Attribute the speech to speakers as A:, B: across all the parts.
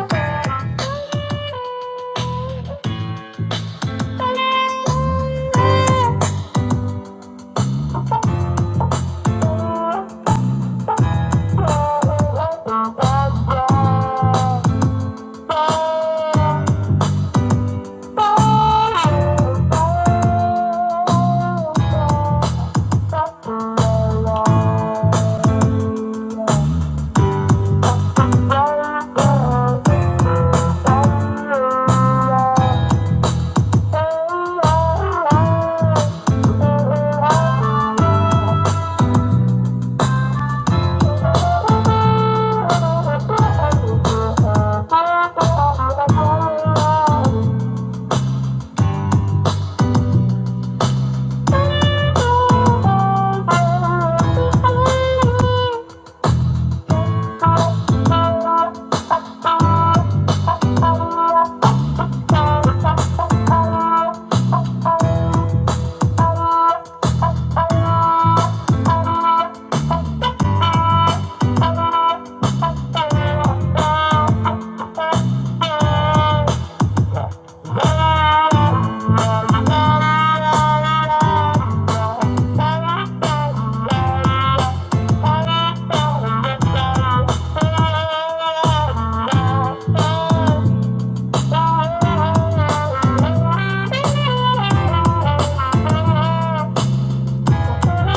A: oh, you. Thank you. Thank you.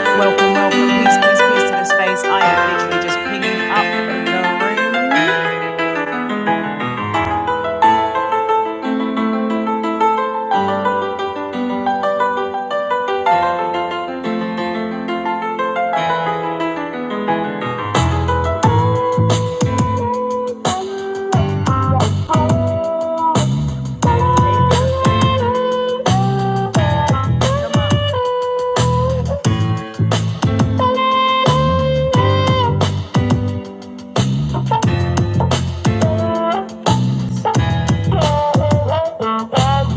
A: Welcome, welcome, peace, peace, peace to the space. I am literally just pinging up the room. Come on.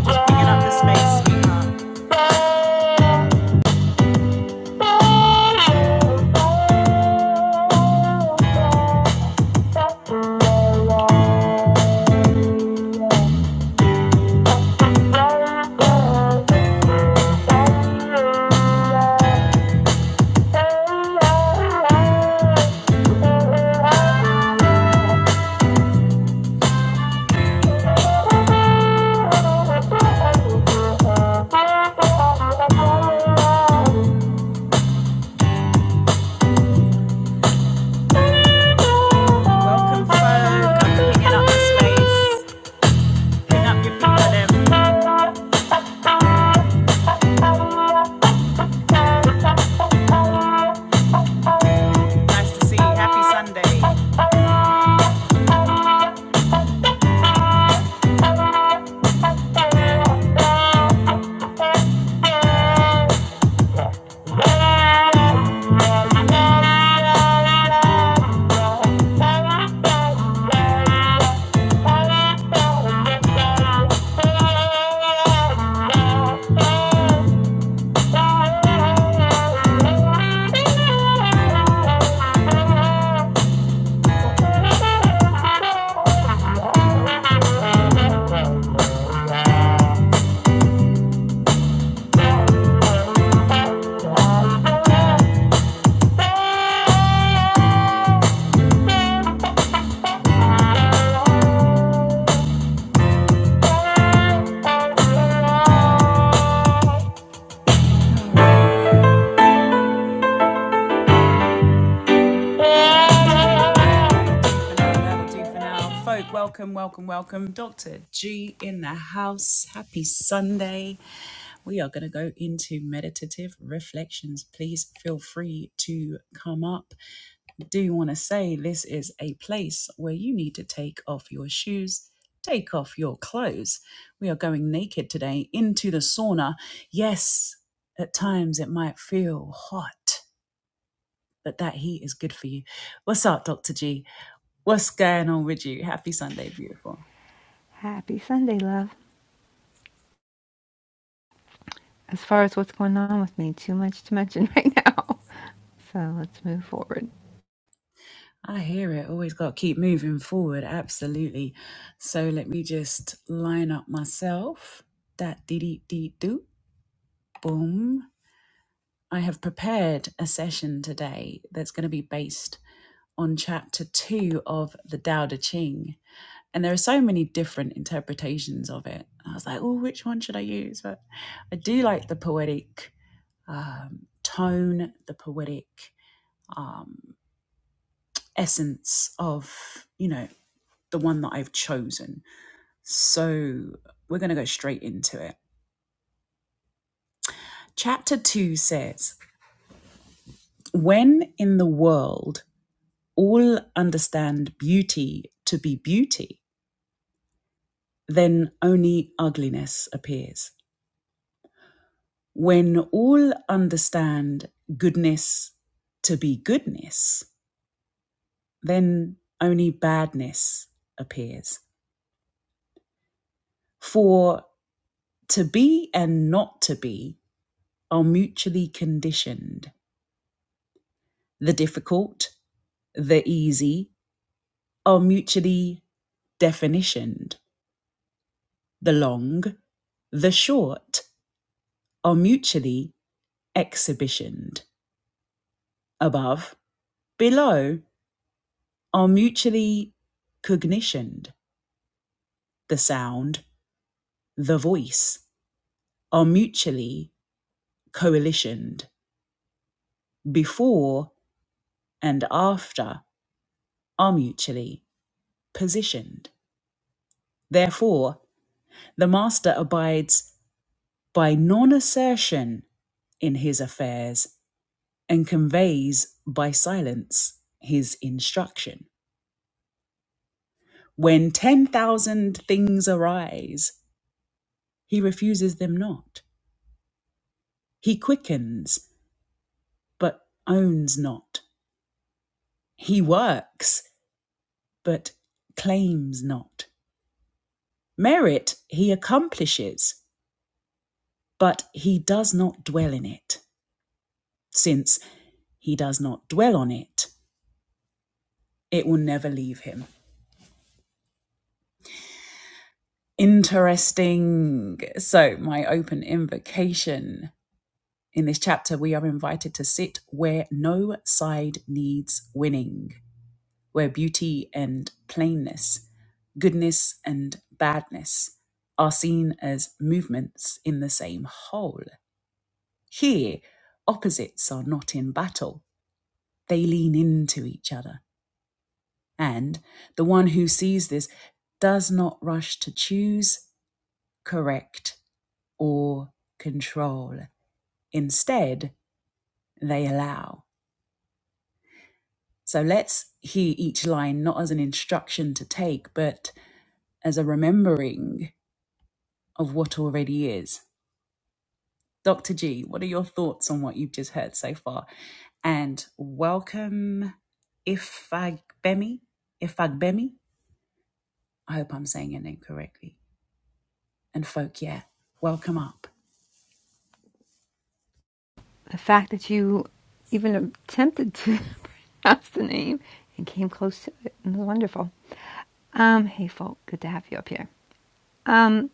A: Just picking up the space, sweetheart. Welcome, folks. I'm cleaning up the space. Big up your people, them. Nice to see you. Happy Sunday. That'll do for now. Folk, welcome, welcome, welcome. Dr. G in the house. Happy Sunday. We are going to go into meditative reflections. Please feel free to come up. Do want to say this is a place where you need to take off your shoes, take off your clothes. We are going naked today into the sauna. Yes, at times it might feel hot, but that heat is good for you. What's up, Dr. G? What's going on with you? Happy Sunday, beautiful.
B: Happy Sunday, love. As far as what's going on with me, too much to mention right now. So let's move forward.
A: I hear it. Always got to keep moving forward. Absolutely. So let me just line up myself. That dee dee dee doo. Boom. I have prepared a session today that's going to be based on chapter two of the Tao Te Ching. And there are so many different interpretations of it. I was like, oh, which one should I use? But I do like the poetic um, tone, the poetic um, essence of you know the one that I've chosen. So we're going to go straight into it. Chapter 2 says, When in the world all understand beauty to be beauty, then only ugliness appears. When all understand goodness to be goodness, then only badness appears. For to be and not to be are mutually conditioned. The difficult, the easy are mutually definitioned. The long, the short are mutually exhibitioned. Above, below are mutually cognitioned. The sound, the voice are mutually coalitioned. Before and after are mutually positioned. Therefore, the master abides by non assertion in his affairs and conveys by silence his instruction. When 10,000 things arise, he refuses them not. He quickens, but owns not. He works, but claims not. Merit he accomplishes, but he does not dwell in it, since he does not dwell on it, it will never leave him. Interesting. So, my open invocation in this chapter, we are invited to sit where no side needs winning, where beauty and plainness, goodness and badness are seen as movements in the same whole. Here, opposites are not in battle, they lean into each other. And the one who sees this does not rush to choose, correct, or control. Instead, they allow. So let's hear each line not as an instruction to take, but as a remembering of what already is. Dr. G, what are your thoughts on what you've just heard so far? And welcome Ifagbemi. Ifagbemi. I hope I'm saying your name correctly. And folk, yeah, welcome up.
B: The fact that you even attempted to pronounce the name and came close to it was wonderful. Um, hey, folk, good to have you up here. Um,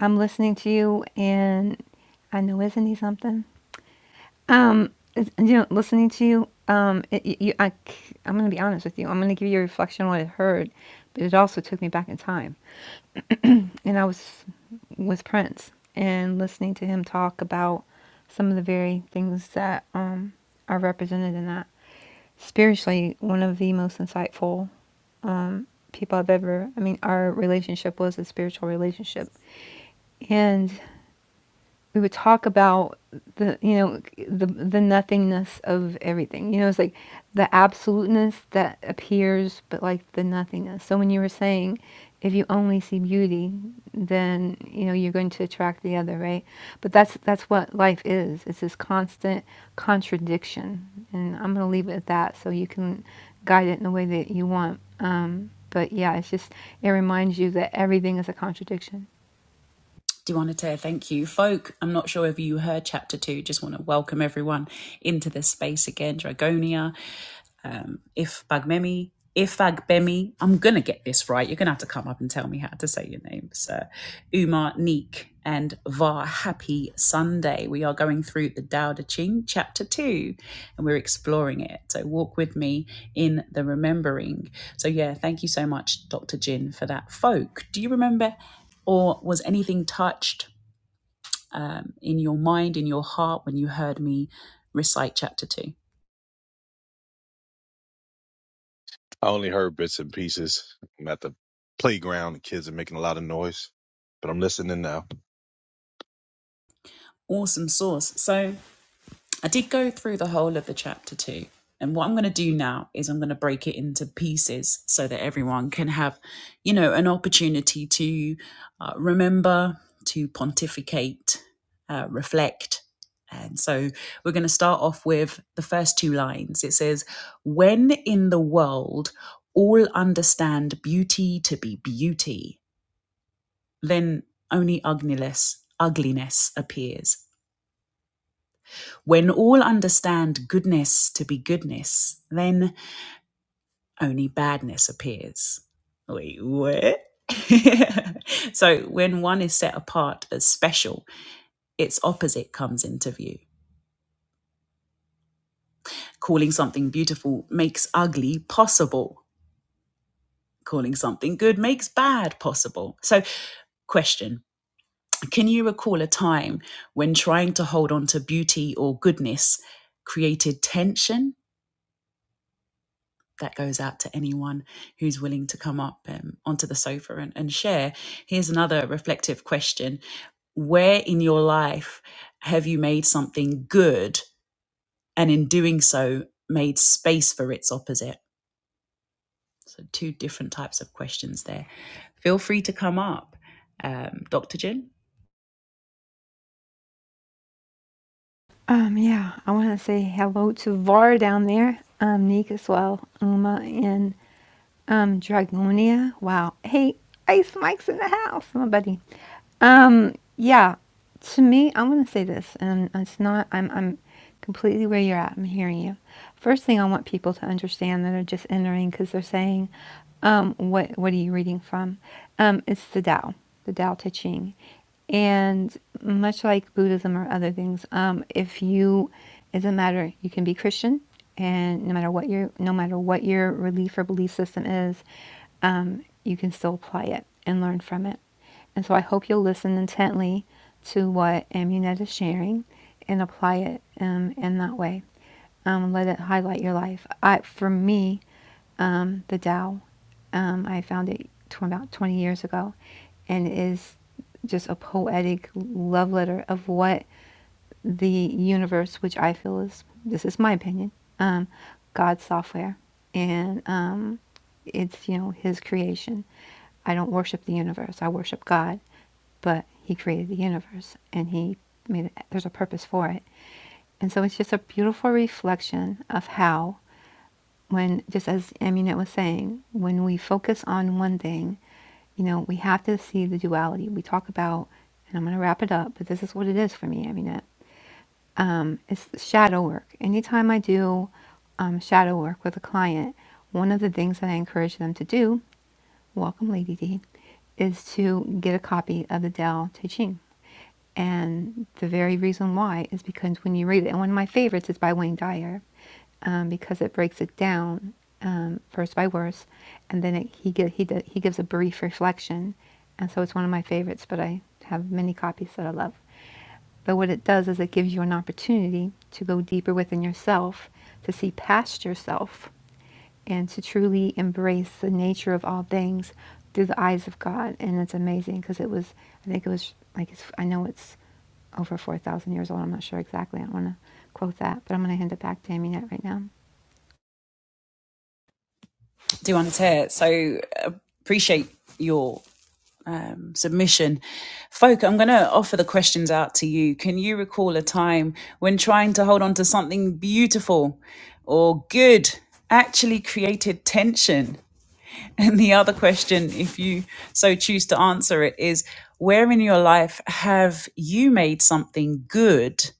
B: I'm listening to you, and I know isn't he something? Um, you know, listening to you, um, it, you, you- I, am going to be honest with you. I'm going to give you a reflection on what I heard, but it also took me back in time. and I was with Prince and listening to him talk about some of the very things that um, are represented in that. Spiritually, one of the most insightful um, people I've ever, I mean, our relationship was a spiritual relationship. And we would talk about the you know the the nothingness of everything you know it's like the absoluteness that appears but like the nothingness so when you were saying if you only see beauty then you know you're going to attract the other right but that's that's what life is it's this constant contradiction and i'm going to leave it at that so you can guide it in the way that you want um, but yeah it's just it reminds you that everything is a contradiction
A: Do want to tell thank you, folk? I'm not sure if you heard chapter two. Just want to welcome everyone into this space again, Dragonia um, if Bagbemi, if Bagbemi, I'm gonna get this right. You're gonna have to come up and tell me how to say your name. So, Umar Neek and Var Happy Sunday. We are going through the Tao Te Ching, chapter two, and we're exploring it. So, walk with me in the remembering. So, yeah, thank you so much, Dr. Jin, for that. Folk, do you remember, or was anything touched um, in your mind, in your heart, when you heard me recite chapter two?
C: I only heard bits and pieces. I'm at the playground. The kids are making a lot of noise, but I'm listening now.
A: Awesome source. So, I did go through the whole of the chapter two. And what I'm going to do now is I'm going to break it into pieces so that everyone can have, you know, an opportunity to uh, remember, to pontificate, uh, reflect. And so we're going to start off with the first two lines. It says, When in the world all understand beauty to be beauty, then only ugliness, ugliness appears when all understand goodness to be goodness, then only badness appears. Wait, what? so, when one is set apart as special, its opposite comes into view. Calling something beautiful makes ugly possible. Calling something good makes bad possible. So, question Can you recall a time when trying to hold on to beauty or goodness created tension? that goes out to anyone who's willing to come up um, onto the sofa and, and share. Here's another reflective question Where in your life have you made something good and in doing so made space for its opposite? So, two different types of questions there. Feel free to come up, um, Dr. Jim.
B: Um, yeah, I want to say hello to Var down there, um, Nick as well, Uma and um, Dragonia. Wow. Hey, Ice Mike's in the house, my buddy. Um, yeah, to me, i want to say this, and it's not, I'm, I'm completely where you're at. I'm hearing you. First thing I want people to understand that are just entering because they're saying, um, what, what are you reading from? Um, it's the Tao, the Tao Te Ching. And much like Buddhism or other things, um, if you, it doesn't matter. You can be Christian, and no matter what your no matter what your belief or belief system is, um, you can still apply it and learn from it. And so I hope you'll listen intently to what Amunet is sharing and apply it um, in that way. Um, let it highlight your life. I, for me, um, the Tao, um, I found it tw- about 20 years ago and is just a poetic love letter of what the universe, which I feel is this is my opinion, um, God's software, and um, it's you know His creation. I don't worship the universe; I worship God, but He created the universe, and He made it, there's a purpose for it, and so it's just a beautiful reflection of how when just as Aminette was saying, when we focus on one thing you know, we have to see the duality. We talk about, and I'm going to wrap it up, but this is what it is for me. I mean, it, um, it's shadow work. Anytime I do um, shadow work with a client, one of the things that I encourage them to do, welcome, Lady D, is to get a copy of the Tao Te Ching and the very reason why is because when you read it, and one of my favorites is by Wayne Dyer, um, because it breaks it down um, first by verse, and then it, he gi- he he gives a brief reflection, and so it's one of my favorites. But I have many copies that I love. But what it does is it gives you an opportunity to go deeper within yourself, to see past yourself, and to truly embrace the nature of all things through the eyes of God. And it's amazing because it was, I think it was like, it's, I know it's over 4,000 years old. I'm not sure exactly. I don't want to quote that, but I'm going to hand it back to Aminette right now.
A: Do you want to? So, appreciate your um, submission. Folk, I'm going to offer the questions out to you. Can you recall a time when trying to hold on to something beautiful or good actually created tension? And the other question, if you so choose to answer it, is where in your life have you made something good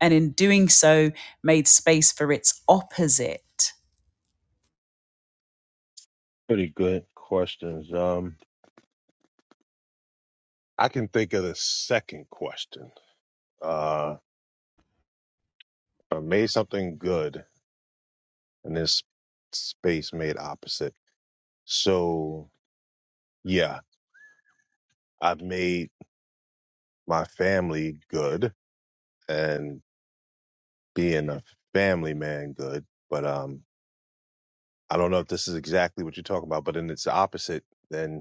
A: and in doing so made space for its opposite?
C: Pretty good questions. Um, I can think of the second question. Uh, I made something good and this space made opposite. So yeah, I've made my family good and being a family man good, but, um, I don't know if this is exactly what you're talking about, but in its opposite, then.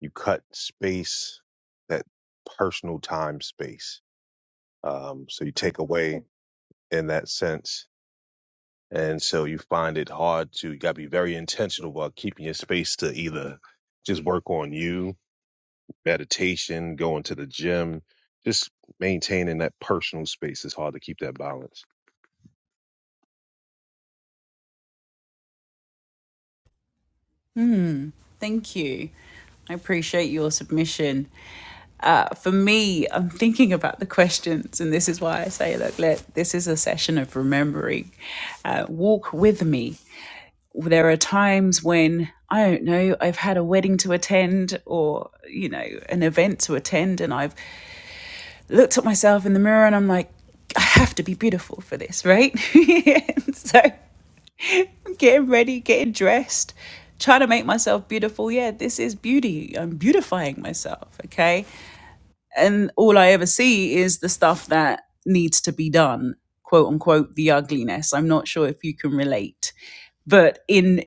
C: you cut space that personal time space um, so you take away in that sense and so you find it hard to you got to be very intentional about keeping your space to either just work on you meditation going to the gym just maintaining that personal space is hard to keep that balance
A: Hmm. Thank you. I appreciate your submission. Uh, for me, I'm thinking about the questions, and this is why I say, look, let this is a session of remembering. Uh, walk with me. There are times when I don't know. I've had a wedding to attend, or you know, an event to attend, and I've looked at myself in the mirror, and I'm like, I have to be beautiful for this, right? so getting ready, getting dressed, trying to make myself beautiful. Yeah, this is beauty. I'm beautifying myself. Okay. And all I ever see is the stuff that needs to be done, quote unquote, the ugliness. I'm not sure if you can relate, but in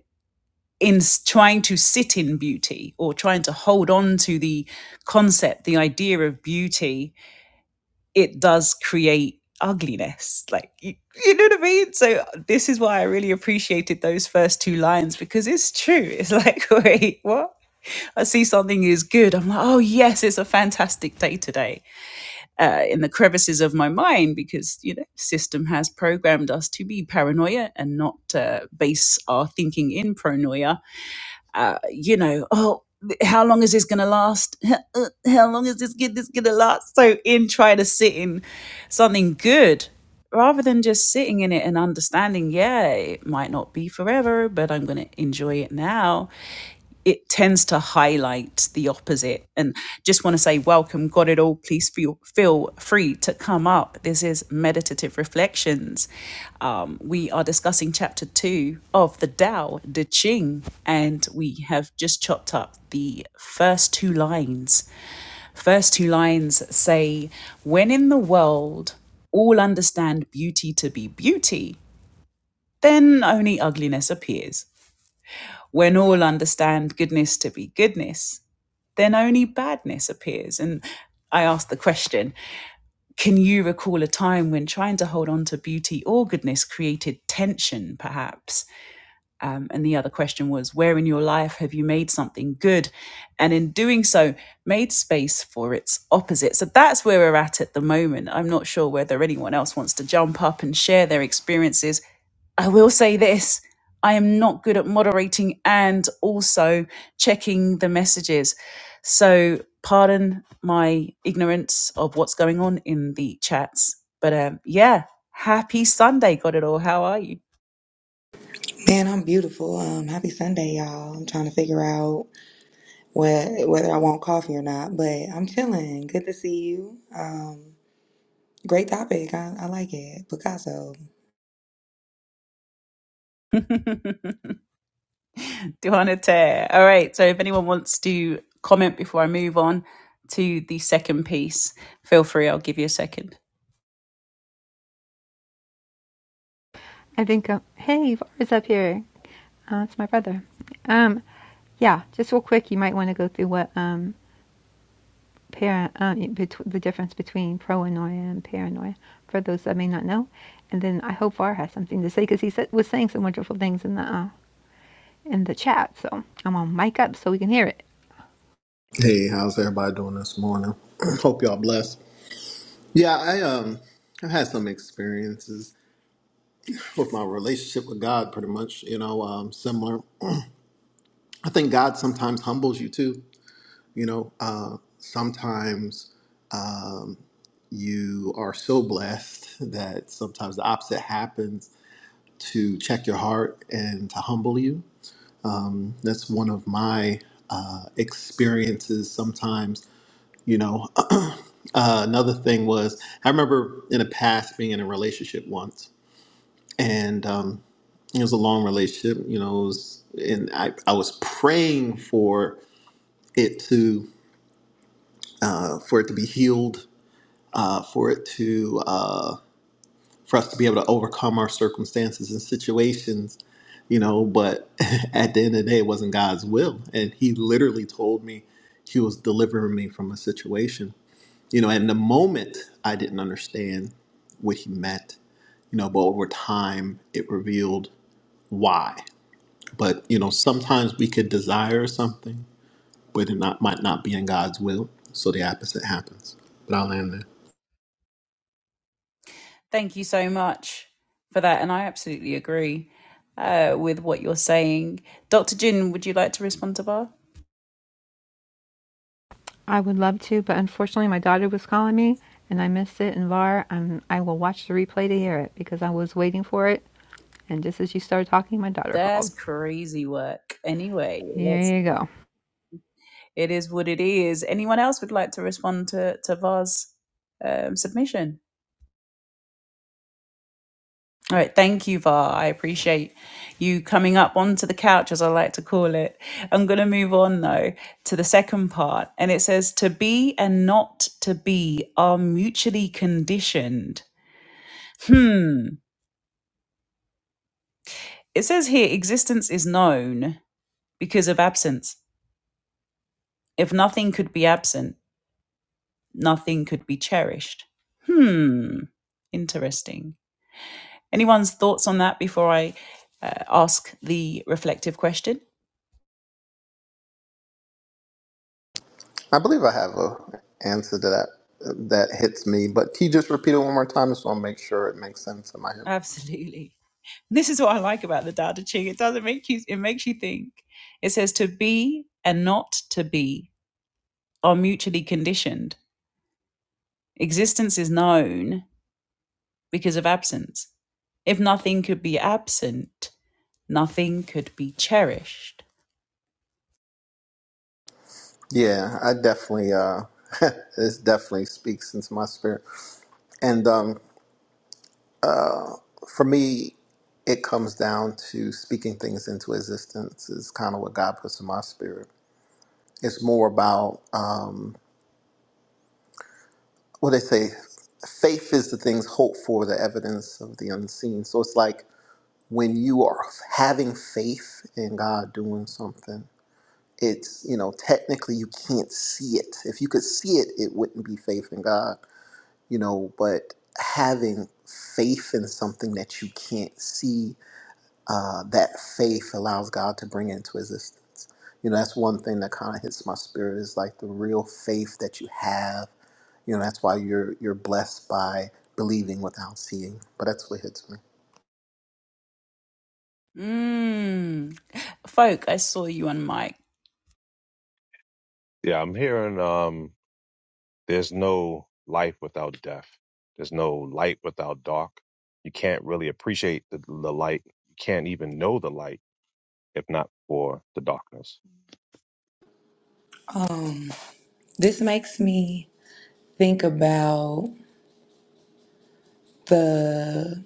A: in s- trying to sit in beauty or trying to hold on to the concept the idea of beauty it does create ugliness like you, you know what i mean so this is why i really appreciated those first two lines because it's true it's like wait what i see something is good i'm like oh yes it's a fantastic day today uh, in the crevices of my mind because you know system has programmed us to be paranoia and not uh, base our thinking in paranoia uh, you know, oh, how long is this going to last? How long is this, this going to last? So, in trying to sit in something good rather than just sitting in it and understanding, yeah, it might not be forever, but I'm going to enjoy it now it tends to highlight the opposite. And just want to say, welcome, got it all. Please feel, feel free to come up. This is Meditative Reflections. Um, we are discussing chapter two of the Tao De Ching, and we have just chopped up the first two lines. First two lines say, When in the world all understand beauty to be beauty, then only ugliness appears. When all understand goodness to be goodness, then only badness appears. And I asked the question Can you recall a time when trying to hold on to beauty or goodness created tension, perhaps? Um, and the other question was Where in your life have you made something good? And in doing so, made space for its opposite. So that's where we're at at the moment. I'm not sure whether anyone else wants to jump up and share their experiences I will say this I am not good at moderating and also checking the messages. So, pardon my ignorance of what's going on in the chats. But um, yeah, happy Sunday, got it all. How are you?
D: Man, I'm beautiful. Um, happy Sunday, y'all. I'm trying to figure out what whether I want coffee or not, but I'm chilling. Good to see you. Um, great topic. I, I like it. Picasso.
A: Doing All right. So, if anyone wants to comment before I move on to the second piece, feel free. I'll give you a second.
B: I think, uh, hey, Var's up here. Uh, it's my brother. Um, yeah, just real quick, you might want to go through what um, para, uh, the difference between proanoia and paranoia for those that may not know. And then I hope Var has something to say because he said, was saying some wonderful things in the uh, in the chat. So I'm on mic up so we can hear it.
E: Hey, how's everybody doing this morning? Hope y'all blessed. Yeah, I um I've had some experiences with my relationship with God pretty much, you know, um similar. I think God sometimes humbles you too, you know. Uh sometimes um you are so blessed that sometimes the opposite happens to check your heart and to humble you. Um that's one of my uh experiences sometimes you know uh, another thing was i remember in the past being in a relationship once and um, it was a long relationship you know it was, and I, I was praying for it to uh, for it to be healed uh, for it to uh, for us to be able to overcome our circumstances and situations you know but at the end of the day it wasn't god's will and he literally told me he was delivering me from a situation You know, in the moment, I didn't understand what he meant, you know, but over time, it revealed why. But, you know, sometimes we could desire something, but it not, might not be in God's will. So the opposite happens. But I'll end there.
A: Thank you so much for that. And I absolutely agree uh, with what you're saying. Dr. Jin, would you like to respond to Bar?
B: I would love to, but unfortunately my daughter was calling me and I missed it. And Var, I'm, I will watch the replay to hear it because I was waiting for it. And just as you started talking, my daughter called.
A: That's crazy work. Anyway, let's,
B: Here you go.
A: it is what it is. Anyone else would like to respond to, to Var's um, submission? All right, thank you, Var. I appreciate you coming up onto the couch, as I like to call it. I'm going to move on, though, to the second part. And it says, To be and not to be are mutually conditioned. Hmm. It says here existence is known because of absence. If nothing could be absent, nothing could be cherished. Hmm, interesting. Anyone's thoughts on that before I uh, ask the reflective question?
E: I believe I have a answer to that that hits me, but can you just repeat it one more time? Just want to make sure it makes sense in my head.
A: Absolutely. This is what I like about the Tao Te Ching. It doesn't make you, it makes you think. It says to be and not to be are mutually conditioned. Existence is known because of absence. If nothing could be absent, Nothing could be cherished.
E: Yeah, I definitely. uh This definitely speaks into my spirit, and um, For me, it comes down to speaking things into existence is kind of what God puts in my spirit. It's more about um, what they say. Faith is the things hoped for, the evidence of the unseen. So it's like when you are having faith in God doing something, it's, you know, technically you can't see it. If you could see it, it wouldn't be faith in God, you know, but having faith in something that you can't see uh, that faith allows God to bring into existence. You know, that's one thing that kind of hits my spirit is like the real faith that you have. You know, that's why you're you're blessed by believing without seeing. But that's what hits me.
A: Mm. Folk, I saw you on mic.
C: yeah i'm hearing um There's no life without death. There's no light without dark. You can't really appreciate the, the light. You can't even know the light if not for the darkness.
D: Um, this makes me think about the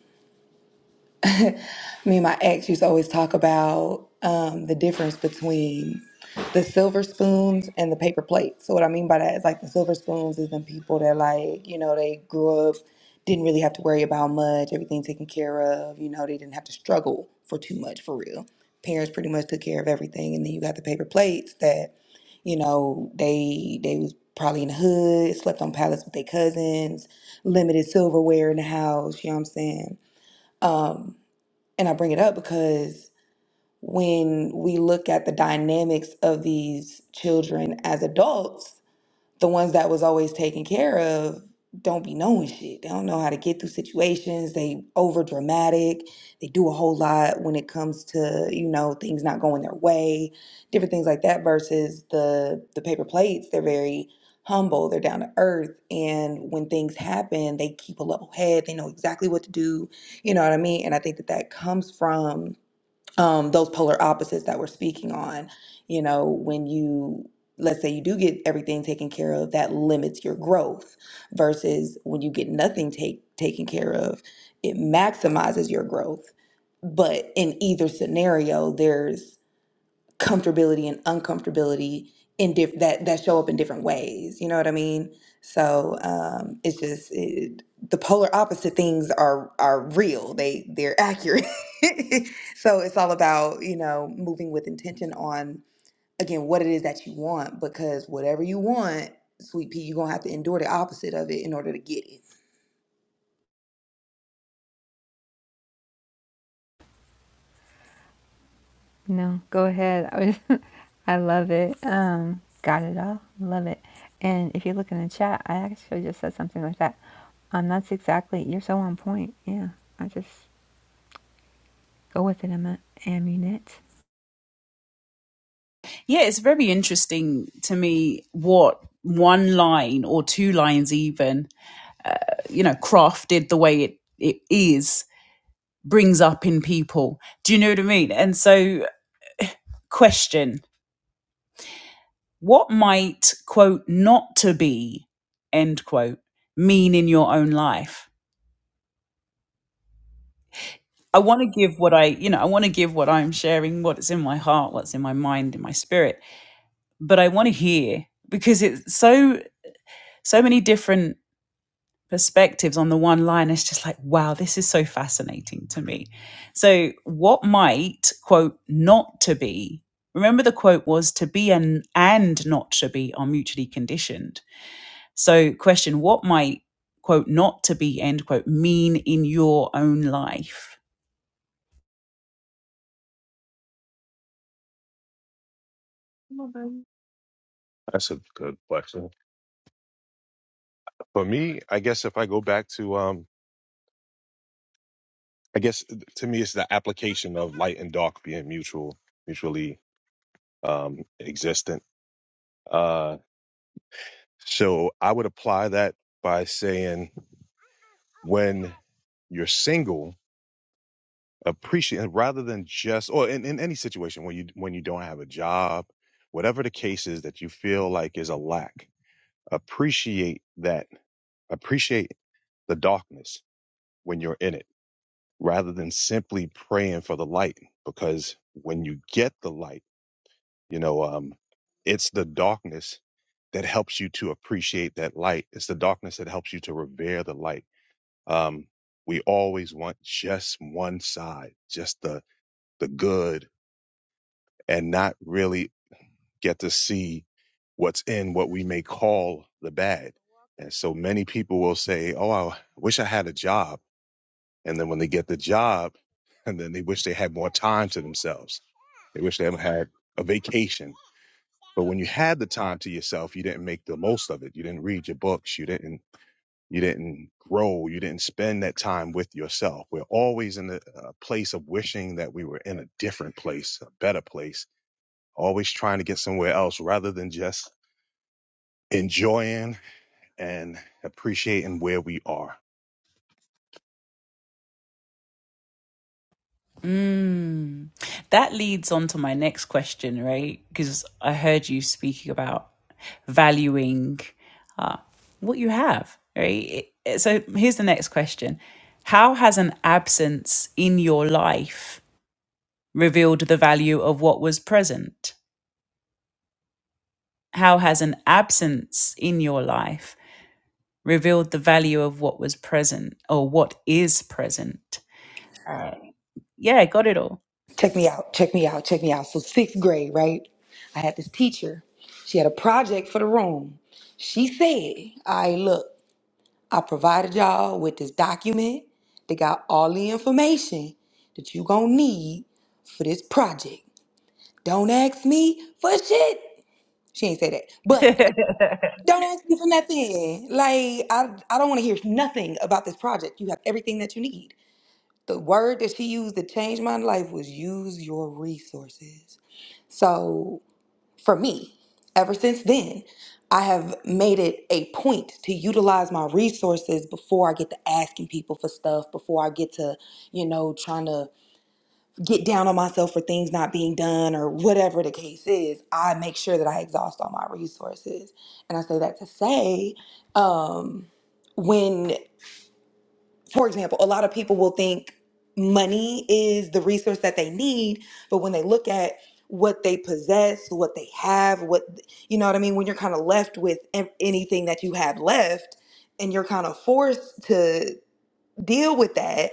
D: Me and my ex used to always talk about um, the difference between the silver spoons and the paper plates. So what I mean by that is like the silver spoons is them people that like, you know, they grew up, didn't really have to worry about much, everything taken care of, you know, they didn't have to struggle for too much for real. Parents pretty much took care of everything. And then you got the paper plates that, you know, they they was probably in the hood, slept on pallets with their cousins, limited silverware in the house, you know what I'm saying? Um and I bring it up because when we look at the dynamics of these children as adults, the ones that was always taken care of don't be knowing shit. They don't know how to get through situations. They over dramatic. They do a whole lot when it comes to, you know, things not going their way, different things like that versus the the paper plates, they're very humble, they're down to earth and when things happen, they keep a level head. They know exactly what to do. You know what I mean? And I think that that comes from um, those polar opposites that we're speaking on. You know, when you, let's say you do get everything taken care of, that limits your growth, versus when you get nothing take, taken care of, it maximizes your growth. But in either scenario, there's comfortability and uncomfortability in diff- that that show up in different ways. You know what I mean? So um, it's just it, the polar opposite things are are real. They they're accurate. so it's all about you know moving with intention on again what it is that you want because whatever you want, sweet pea, you're gonna have to endure the opposite of it in order to get it.
B: No, go ahead. I was, I love it. Um, got it all. Love it. And if you look in the chat, I actually just said something like that. Um, that's exactly. You're so on point. Yeah, I just go with it. I'm a, am it.
A: Yeah, it's very interesting to me what one line or two lines, even, you know, crafted the way it, it is, brings up in people. Do you know what I mean? And so, question what might, quote, not to be, end quote, mean in your own life? I want to give what I, you know, I want to give what I'm sharing, what's in my heart, what's in my mind, in my spirit but I want to hear because it's so so many different perspectives on the one line. It's just like, wow, this is so fascinating to me. So what might quote not to be? Remember the quote was to be and and not to be are mutually conditioned. So question, what might quote not to be end quote mean in your own life?
C: Okay. That's a good question. For me, I guess if I go back to, um, I guess to me, it's the application of light and dark being mutual, mutually um, existent. Uh, so I would apply that by saying when you're single appreciate rather than just or in, in any situation when you when you don't have a job whatever the case is that you feel like is a lack appreciate that appreciate the darkness when you're in it rather than simply praying for the light because when you get the light you know um it's the darkness that helps you to appreciate that light it's the darkness that helps you to revere the light um we always want just one side just the the good and not really get to see what's in what we may call the bad. And so many people will say, Oh, I wish I had a job. And then when they get the job, and then they wish they had more time to themselves. They wish they had had a vacation. But when you had the time to yourself, you didn't make the most of it. You didn't read your books. You didn't, you didn't grow. You didn't spend that time with yourself. We're always in a, a place of wishing that we were in a different place, a better place always trying to get somewhere else rather than just enjoying and appreciating where we are.
A: Mm. That leads on to my next question, right? Because I heard you speaking about valuing uh, what you have, right? It- So here's the next question How has an absence in your life revealed the value of what was present? How has an absence in your life revealed the value of what was present or what is present? Uh, yeah, got it all.
D: check me out, check me out, check me out. So sixth grade, right? I had this teacher. She had a project for the room. She said, I look, I provided y'all with this document that got all the information that you gonna need for this project. Don't ask me for shit. She ain't say that. But don't ask me for nothing. Like, I, I don't wanna hear nothing about this project. You have everything that you need. The word that she used to change my life was use your resources. So for me, ever since then, I have made it a point to utilize my resources before I get to asking people for stuff, before I get to, you know, trying to get down on myself for things not being done or whatever the case is. I make sure that I exhaust all my resources. And I say that to say, um, when for example, a lot of people will think money is the resource that they need, but when they look at what they possess, what they have, what you know what I mean, when you're kind of left with an- anything that you have left and you're kind of forced to deal with that,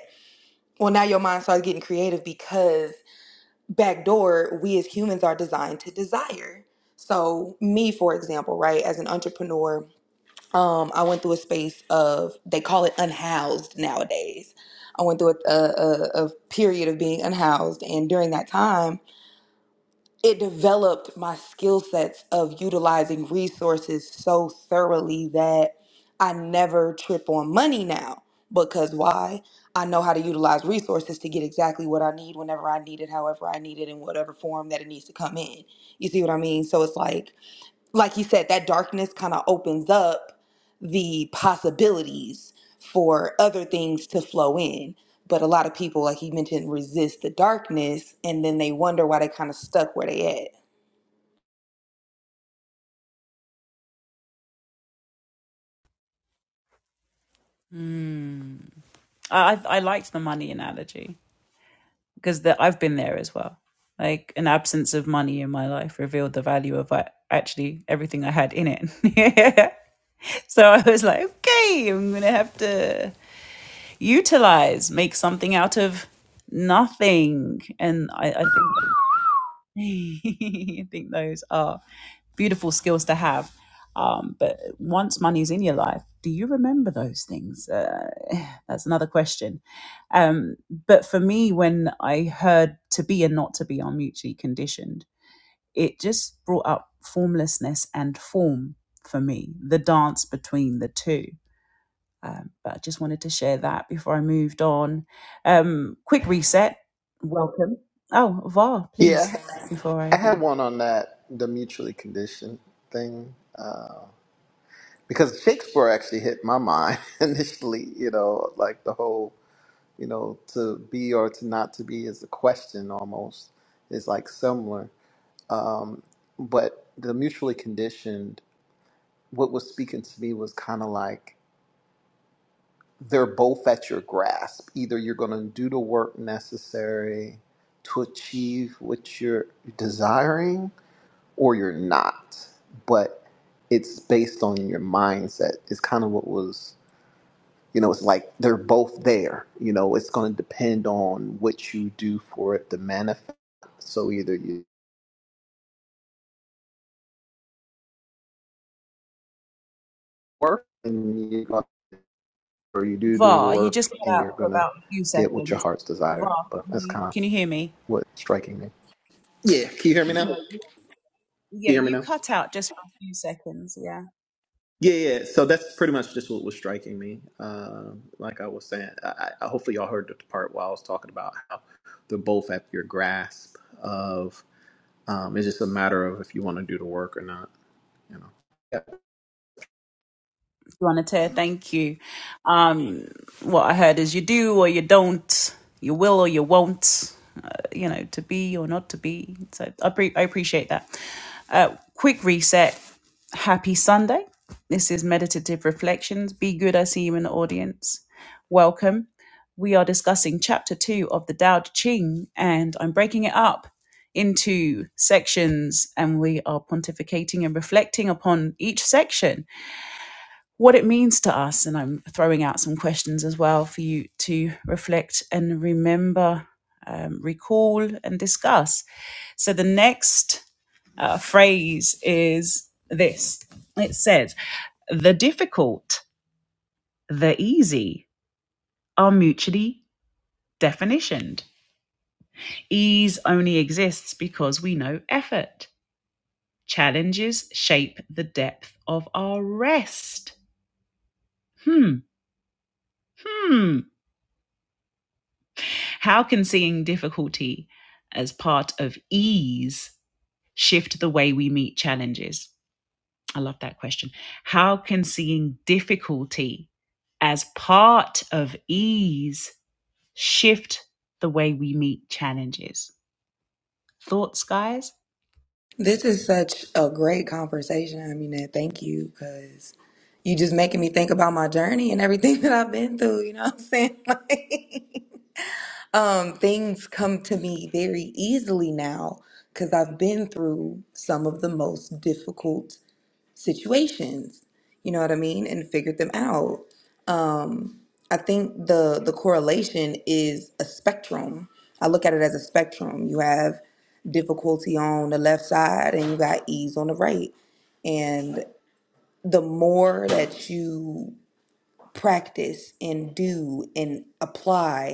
D: well now your mind starts getting creative because backdoor, we as humans are designed to desire. So, me for example, right, as an entrepreneur, um, I went through a space of they call it unhoused nowadays. I went through a, a, a a period of being unhoused, and during that time, it developed my skill sets of utilizing resources so thoroughly that I never trip on money now. Because why? I know how to utilize resources to get exactly what I need whenever I need it, however I need it, in whatever form that it needs to come in. You see what I mean? So it's like like you said, that darkness kind of opens up the possibilities for other things to flow in. But a lot of people, like you mentioned, resist the darkness and then they wonder why they kind of stuck where they at.
A: Mm. I I liked the money analogy because that I've been there as well. Like an absence of money in my life revealed the value of I, actually everything I had in it. so I was like, okay, I'm gonna have to utilize, make something out of nothing. And I, I think I think those are beautiful skills to have. Um, but once money's in your life, do you remember those things? Uh, that's another question. Um, but for me, when I heard to be and not to be are mutually conditioned, it just brought up formlessness and form for me, the dance between the two. Um, but I just wanted to share that before I moved on. Um, quick reset. Welcome. Oh, Var,
E: Yeah,
A: please, before
E: I I
A: I
E: had
A: do.
E: one on that the mutually conditioned thing uh, because Shakespeare actually hit my mind initially. You know, like the whole you know to be or to not to be is a question almost. It's like similar. Um, but the mutually conditioned, what was speaking to me was kind of like they're both at your grasp. Either you're going to do the work necessary to achieve what you're desiring, or you're not. But it's based on your mindset. It's kind of what was, you know, it's like they're both there. You know, it's going to depend on what you do for it to manifest. So either you work and you're going or you do do
A: VAR, you just
E: work
A: cut
E: and
A: out
E: you're
A: for
E: gonna
A: about a few
E: get what your
A: seconds.
E: heart's desire.
A: VAR,
E: But
A: can
E: that's
A: you,
E: kind of
A: can you hear me?
E: what's striking me. Yeah, can you hear me now? Can
A: Yeah, yeah,
E: you hear me
A: you
E: now?
A: cut out just for a few seconds. Yeah.
E: Yeah, yeah. So that's pretty much just what was striking me. Um, like I was saying, I, I hopefully y'all heard the part while I was talking about how they're both at your grasp of. Um, it's just a matter of if you want to do the work or not. You know.
A: Juanita, thank you. Um, what I heard is you do or you don't, you will or you won't, uh, you know, to be or not to be. So I, pre- I appreciate that. Uh, quick reset. Happy Sunday. This is Meditative Reflections. Be good. I see you in the audience. Welcome. We are discussing chapter two of the Tao Te Ching, and I'm breaking it up into sections, and we are pontificating and reflecting upon each section what it means to us. And I'm throwing out some questions as well for you to reflect and remember, um, recall, and discuss. So the next uh, phrase is this it says, the difficult, the easy are mutually definitioned. Ease only exists because we know effort. Challenges shape the depth of our rest. Hmm. Hmm. How can seeing difficulty as part of ease shift the way we meet challenges? I love that question. How can seeing difficulty as part of ease shift the way we meet challenges? Thoughts, guys?
D: This is such a great conversation. I mean, and thank you because you just making me think about my journey and everything that I've been through. You know what I'm saying? Like, um, things come to me very easily now because I've been through some of the most difficult situations you know what i mean and figured them out i think the the correlation is a spectrum i look at it as a spectrum you have difficulty on the left side and you got ease on the right and the more that you practice and do and apply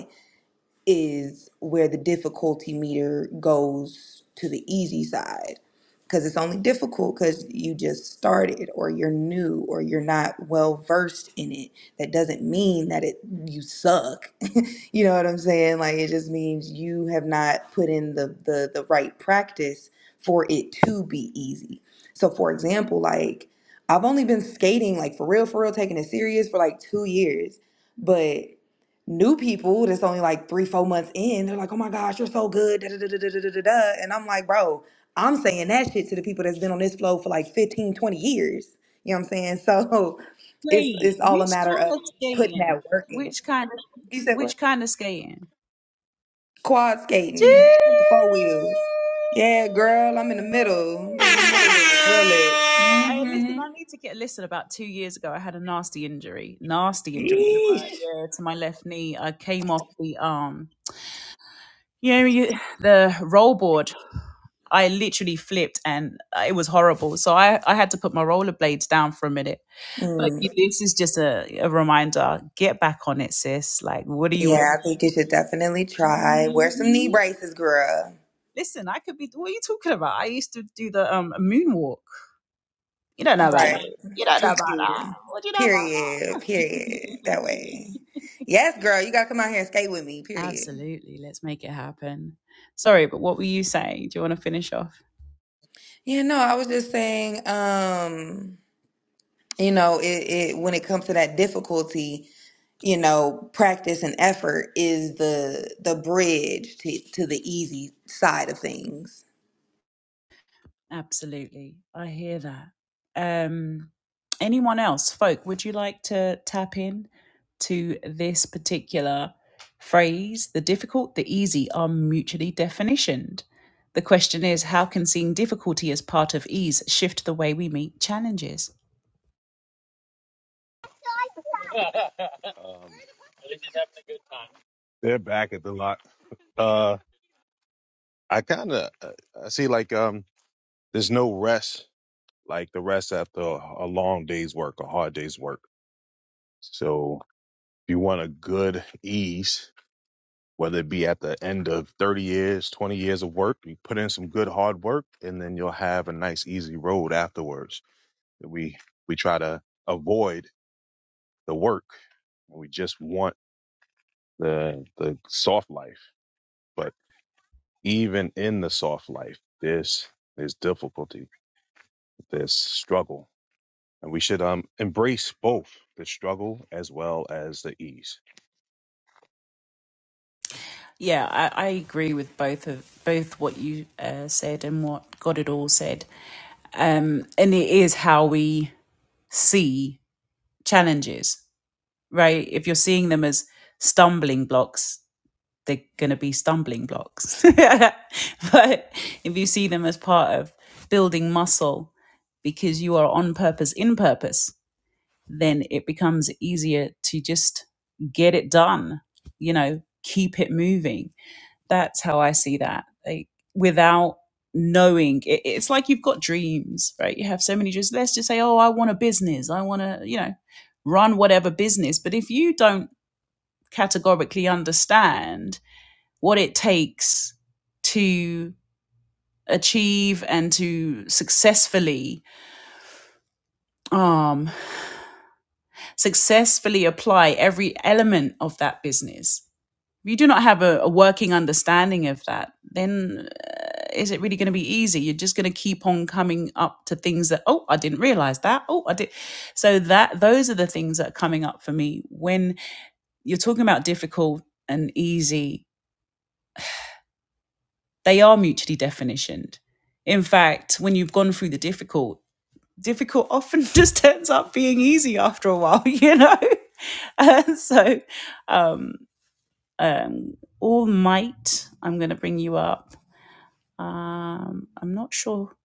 D: is where the difficulty meter goes to the easy side because it's only difficult because you just started or you're new or you're not well versed in it that doesn't mean that it you suck you know what i'm saying like it just means you have not put in the the, the right practice for it to be easy so for example like i've only been skating like for real for real taking it serious for like two years but new people that's only like three, four months in, they're like, oh my gosh, you're so good. Da, da, da, da, da, da, da, da. da." And I'm like, bro, I'm saying that shit to the people that's been on this flow for like 15, 20 years. You know what I'm saying? So it's
A: Wait,
D: it's all a
A: which
D: matter
A: kind
D: of
A: of
D: putting
A: skating?
D: that work in.
A: Which kind of
D: You said what?
A: which kind of skating?
D: Quad skating, the four wheels. Yeah, girl, I'm in the middle. I'm in the middle with it, real it.
A: I, listen,
D: Mm-hmm.
A: I need to get listen. About two years ago, I had a nasty injury, nasty injury to my,
D: Yeesh.
A: yeah, to my left knee. I came off the um, you know, you, the roll board. I literally flipped, and uh, it was horrible. So I, I had to put my rollerblades down for a minute. But you-
D: Mm.
A: this is just a, a reminder: get back on it, sis. Like, what are you
D: Yeah,
A: waiting?
D: I think you should definitely
A: for?
D: try. Wear some knee
A: Mhm.
D: braces, girl.
A: Listen, I could be. What are you talking about? I used to do the um moonwalk. You You you don't don't
D: Right.
A: do know know about
D: Too
A: about that.
D: cute.
A: that. What do you know about
D: Period. Period.
A: that?
D: That way. Yes, girl, you gotta come out here and skate with me, period.
A: Absolutely. Let's make it happen. Sorry, but what were you saying? Do you want to finish off?
D: Yeah, no, I was just saying, um, you know, it, it when it comes to that difficulty, you know, practice and effort is the the bridge to, to the easy side of things.
A: Absolutely. I hear that. Um, anyone else, folk, would you like to tap in to this particular phrase? The difficult, the easy are mutually definitioned. The question is how can seeing difficulty as part of ease shift the way we meet challenges?
C: Um, they're back at the lot. Uh, I kind of I see like um, there's no rest like the rest after a a long day's work, a hard day's work. So if you want a good ease, whether it be at the end of 30 years, 20 years of work, you put in some good hard work, and then you'll have a nice easy road afterwards. that We we try to avoid the work and we just want the the soft life. But even in the soft life, there's there's difficulty, there's struggle, and we should um embrace both the struggle as well as the ease.
A: Yeah, I, I agree with both of both what you uh, said and what God had all said. Um, and it is how we see challenges right? If you're seeing them as stumbling blocks, they're going to be stumbling blocks. but if you see them as part of building muscle because you are on purpose, in purpose, then it becomes easier to just get it done, you know, keep it moving. That's how I see that. Like, without knowing it, it's like you've got dreams right you have so many dreams let's just say oh i want a business i want to you know run whatever business but if you don't categorically understand what it takes to achieve and to successfully um successfully apply every element of that business if you do not have a, a working understanding of that then uh, is it really going to be easy you're just going to keep on coming up to things that oh i didn't realize that oh i did so that those are the things that are coming up for me when you're talking about difficult and easy They are mutually definitioned. In fact, when you've gone through the difficult, difficult often just turns up being easy after a while, you know? And so, um, um, All Might, I'm going to bring you up. Um, I'm not sure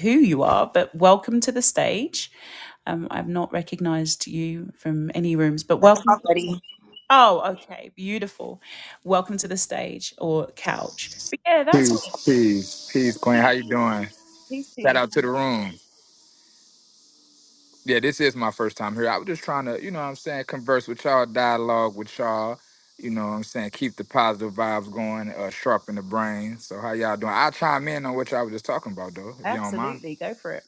A: who you are, but welcome to the stage. Um, I've not recognized you from any rooms, but
D: That's
A: welcome.
D: my buddy.
A: Oh, okay, beautiful. Welcome to the stage or couch. But yeah, that's.
F: Peace, peace, peace, Queen. How you doing?
A: Please
F: Shout
A: please,
F: out to the room. Yeah, this is my first time here. I was just trying to, you know what I'm saying, converse with y'all, dialogue with y'all. You know what I'm saying? Keep the positive vibes going, uh, sharpen the brain. So how y'all doing? I'll chime in on what y'all was just talking about though, if y'all don't mind.
A: Absolutely. Go for it.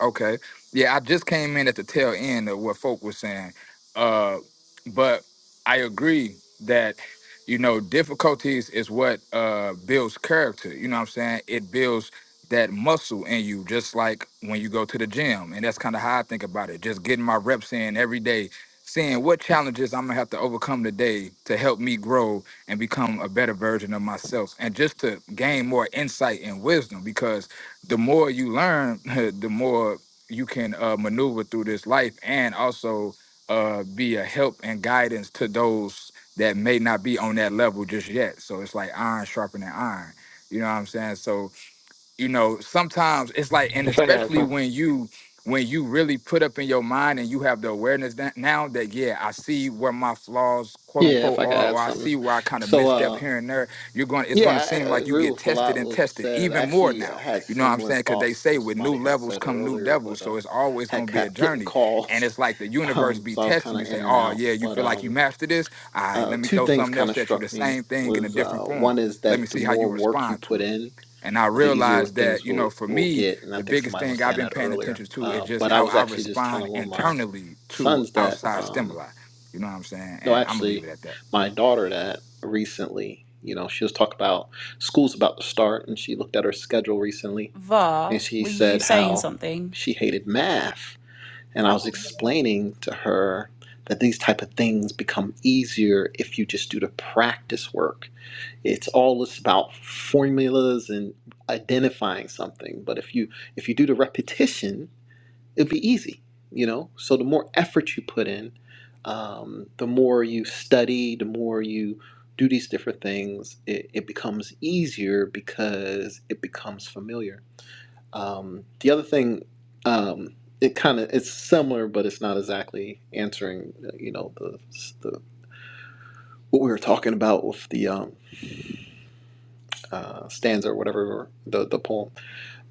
F: Okay. Yeah, I just came in at the tail end of what folk was saying. Uh, but I agree that, you know, difficulties is what uh, builds character. You know what I'm saying? It builds that muscle in you, just like when you go to the gym. And that's kind of how I think about it. Just getting my reps in every day, seeing what challenges I'm going to have to overcome today to help me grow and become a better version of myself. And just to gain more insight and wisdom because the more you learn, the more you can uh, maneuver through this life and also uh, be a help and guidance to those that may not be on that level just yet. So it's like iron sharpening iron. You know what I'm saying? So you know sometimes it's like and especially
E: Yeah.
F: when you when you really put up in your mind and you have the awareness that now that yeah i see where my flaws quote
E: Yeah, if
F: unquote
E: I could
F: are or
E: add
F: i
E: something.
F: see where i kind of
E: So
F: misstep
E: uh,
F: here and there you're going to it's going to
E: Yeah, I I
F: seem like you
E: agree
F: get
E: with a
F: tested
E: lot what
F: and
E: was
F: tested
E: said. I
F: even more
E: Actually, uh,
F: now
E: had
F: you know what i'm
E: similar
F: saying because they
E: thoughts to
F: say
E: what
F: with new
E: somebody had
F: levels
E: said
F: come new
E: earlier, but
F: devils
E: uh,
F: so it's always
E: had
F: going to be a
E: kept getting
F: journey and
E: calls,
F: it's like the universe
E: um,
F: be
E: so I was kind
F: testing you
E: of
F: say
E: in and
F: oh
E: out.
F: yeah you
E: But
F: feel like you
E: um,
F: mastered this all right
E: uh,
F: let me
E: two
F: throw
E: things
F: something
E: kind of
F: else at you the
E: struck me
F: same thing in a
E: was uh,
F: different
E: one
F: form
E: is
F: let me
E: that the
F: see how you
E: more work you
F: respond to
E: put
F: it
E: in,
F: and I
E: uh, the easier
F: realized that,
E: things
F: you
E: will
F: know, for
E: will
F: me,
E: get, and I
F: the
E: think
F: biggest
E: somebody
F: thing
E: was
F: I've
E: saying
F: been
E: that
F: paying
E: earlier.
F: attention to is
E: Uh,
F: just
E: but I
F: how
E: was
F: I
E: actually just
F: respond
E: telling one of my
F: internally to
E: sons that.
F: outside
E: Um,
F: stimuli. You know what I'm saying?
E: no,
F: And I'm gonna leave
E: actually,
F: it at that.
E: my daughter that recently, you know, she was talking about school's about to start, and she looked at her schedule recently,
A: Var,
E: and she
A: were you
E: said
A: saying
E: how
A: something?
E: she hated math. And I was explaining to her that these type of things become easier if you just do the practice work. It's all just about formulas and identifying something, but if you if you do the repetition, it'd be easy, you know. So the more effort you put in, um, the more you study, the more you do these different things, it, it becomes easier because it becomes familiar. Um, the other thing, um, it kind of it's similar, but it's not exactly answering, uh, you know, the, the what we were talking about with the um, uh, stanza or whatever the the poem.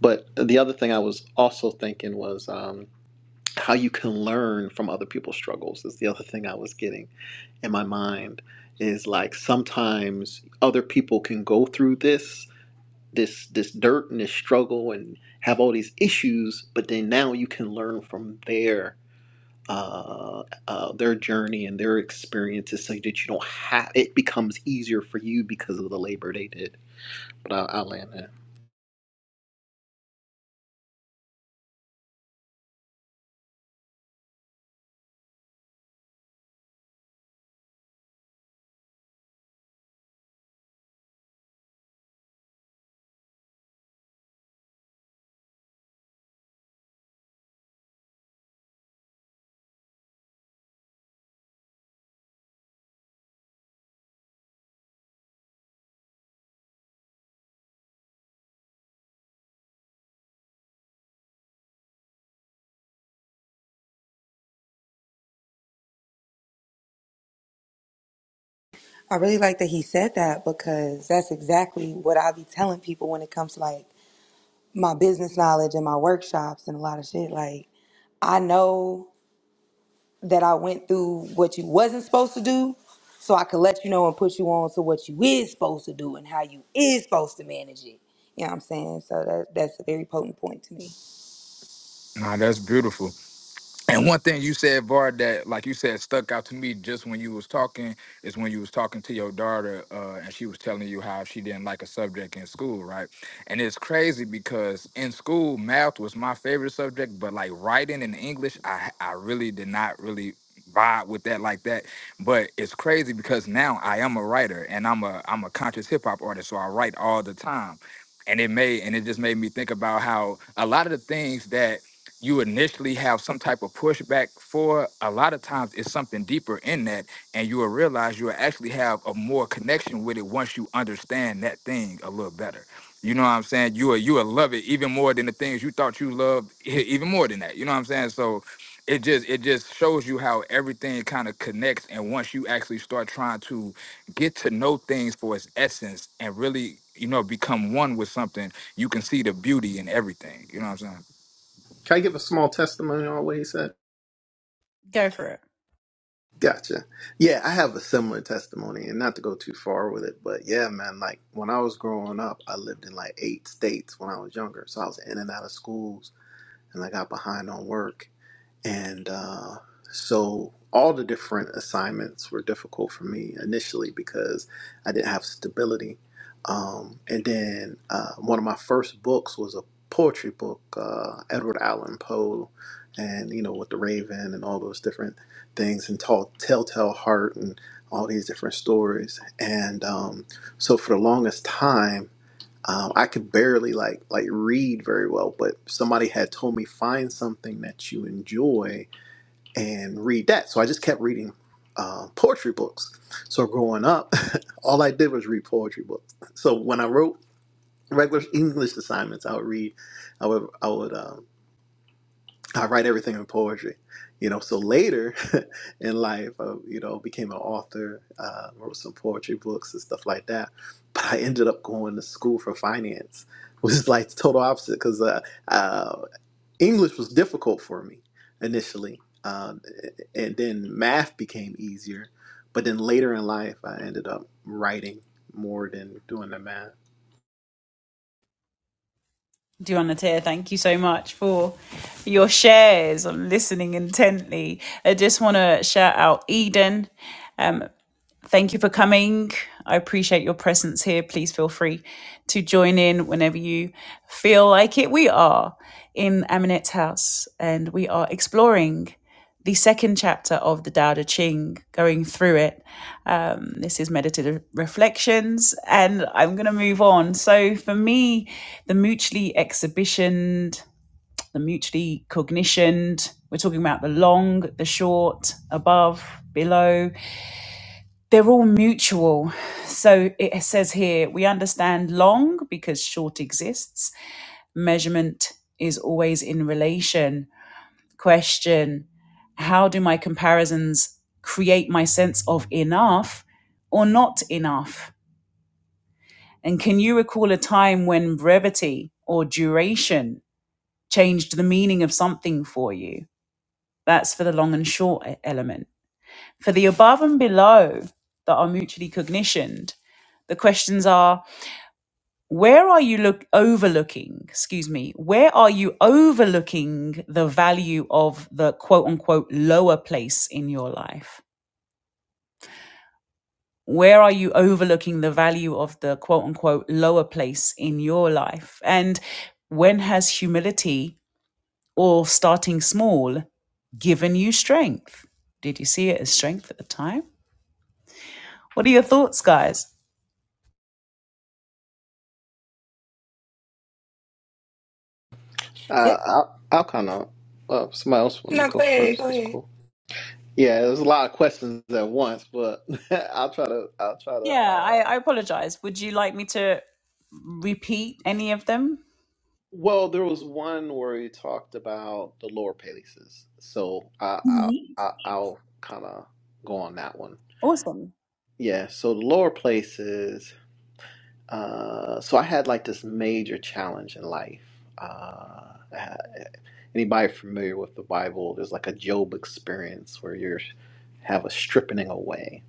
E: But the other thing I was also thinking was. um, how you can learn from other people's struggles is the other thing I was getting in my mind is like sometimes other people can go through this this this dirt and this struggle and have all these issues, but then now you can learn from their uh, uh, their journey and their experiences so that you don't have it becomes easier for you because of the labor they did. But I'll, I'll land there.
D: I really like that he said that because that's exactly what I be telling people when it comes to like my business knowledge and my workshops and a lot of shit. Like I know that I went through what you wasn't supposed to do, so I could let you know and put you on to what you is supposed to do and how you is supposed to manage it. You know what I'm saying? So that that's a very potent point to me.
F: Nah, that's beautiful. And one thing you said, Var, that like you said, stuck out to me just when you was talking is when you was talking to your daughter, uh, and she was telling you how she didn't like a subject in school, right? And it's crazy because in school, math was my favorite subject, but like writing and English, I I really did not really vibe with that like that. But it's crazy because now I am a writer and I'm a I'm a conscious hip hop artist, so I write all the time. And it made and it just made me think about how a lot of the things that you initially have some type of pushback for a lot of times it's something deeper in that and you will realize you will actually have a more connection with it once you understand that thing a little better you know what i'm saying you will you will love it even more than the things you thought you loved even more than that you know what i'm saying so it just it just shows you how everything kind of connects and once you actually start trying to get to know things for its essence and really you know become one with something you can see the beauty in everything you know what i'm saying
E: Can I give a small testimony on what he said?
A: Go for it.
E: Gotcha. Yeah, I have a similar testimony, and not to go too far with it, but yeah, man, like when I was growing up, I lived in like eight states when I was younger. So I was in and out of schools, and I got behind on work. And uh, so all the different assignments were difficult for me initially because I didn't have stability. Um, and then uh, one of my first books was a poetry book, uh, Edward Allan Poe, and you know, with the Raven and all those different things, and tall, Telltale Heart, and all these different stories. And um, so for the longest time, um, I could barely like like read very well, but somebody had told me find something that you enjoy and read that. So I just kept reading uh, poetry books. So growing up, all I did was read poetry books. So when I wrote regular English assignments, I would read. I would I would um, I write everything in poetry, you know. So later in life, I, you know, became an author, uh, wrote some poetry books and stuff like that. But I ended up going to school for finance, which is like the total opposite because uh, uh, English was difficult for me initially, um, and then math became easier. But then later in life, I ended up writing more than doing the math.
A: Do you want to hear? Thank you so much for your shares. I'm listening intently. I just want to shout out Eden. Um, Thank you for coming. I appreciate your presence here. Please feel free to join in whenever you feel like it. We are in Aminette's house and we are exploring the second chapter of the Tao Te Ching, going through it. Um, this is meditative reflections, and I'm going to move on. So, for me, the mutually exhibitioned, the mutually cognitioned, we're talking about the long, the short, above, below they're all mutual. So it says here we understand long because short exists. Measurement is always in relation. Question How do my comparisons create my sense of enough or not enough? And can you recall a time when brevity or duration changed the meaning of something for you? That's for the long and short e- element. For the above and below that are mutually cognitioned, the questions are where are you look overlooking excuse me where are you overlooking the value of the quote unquote lower place in your life where are you overlooking the value of the quote unquote lower place in your life and when has humility or starting small given you strength did you see it as strength at the time what are your thoughts guys
D: Yeah.
E: Uh, I'll, I'll kind of. Uh, somebody else wanted to
D: No,
E: go
D: go ahead,
E: first.
D: go
E: That's
D: ahead.
E: cool. Yeah, there's a lot of questions at once, but I'll try to. I'll try to.
A: yeah i,
E: Uh...
A: I apologize would you like me to repeat any of them
E: Well, there was one where you talked about the lower palaces, so I,
A: Mhm.
E: I, I I'll kind of go on that one. Yeah, so the lower places. Uh, so I had like this major challenge in life. Uh, anybody familiar with the Bible? There's like a Job experience where you have a stripping away,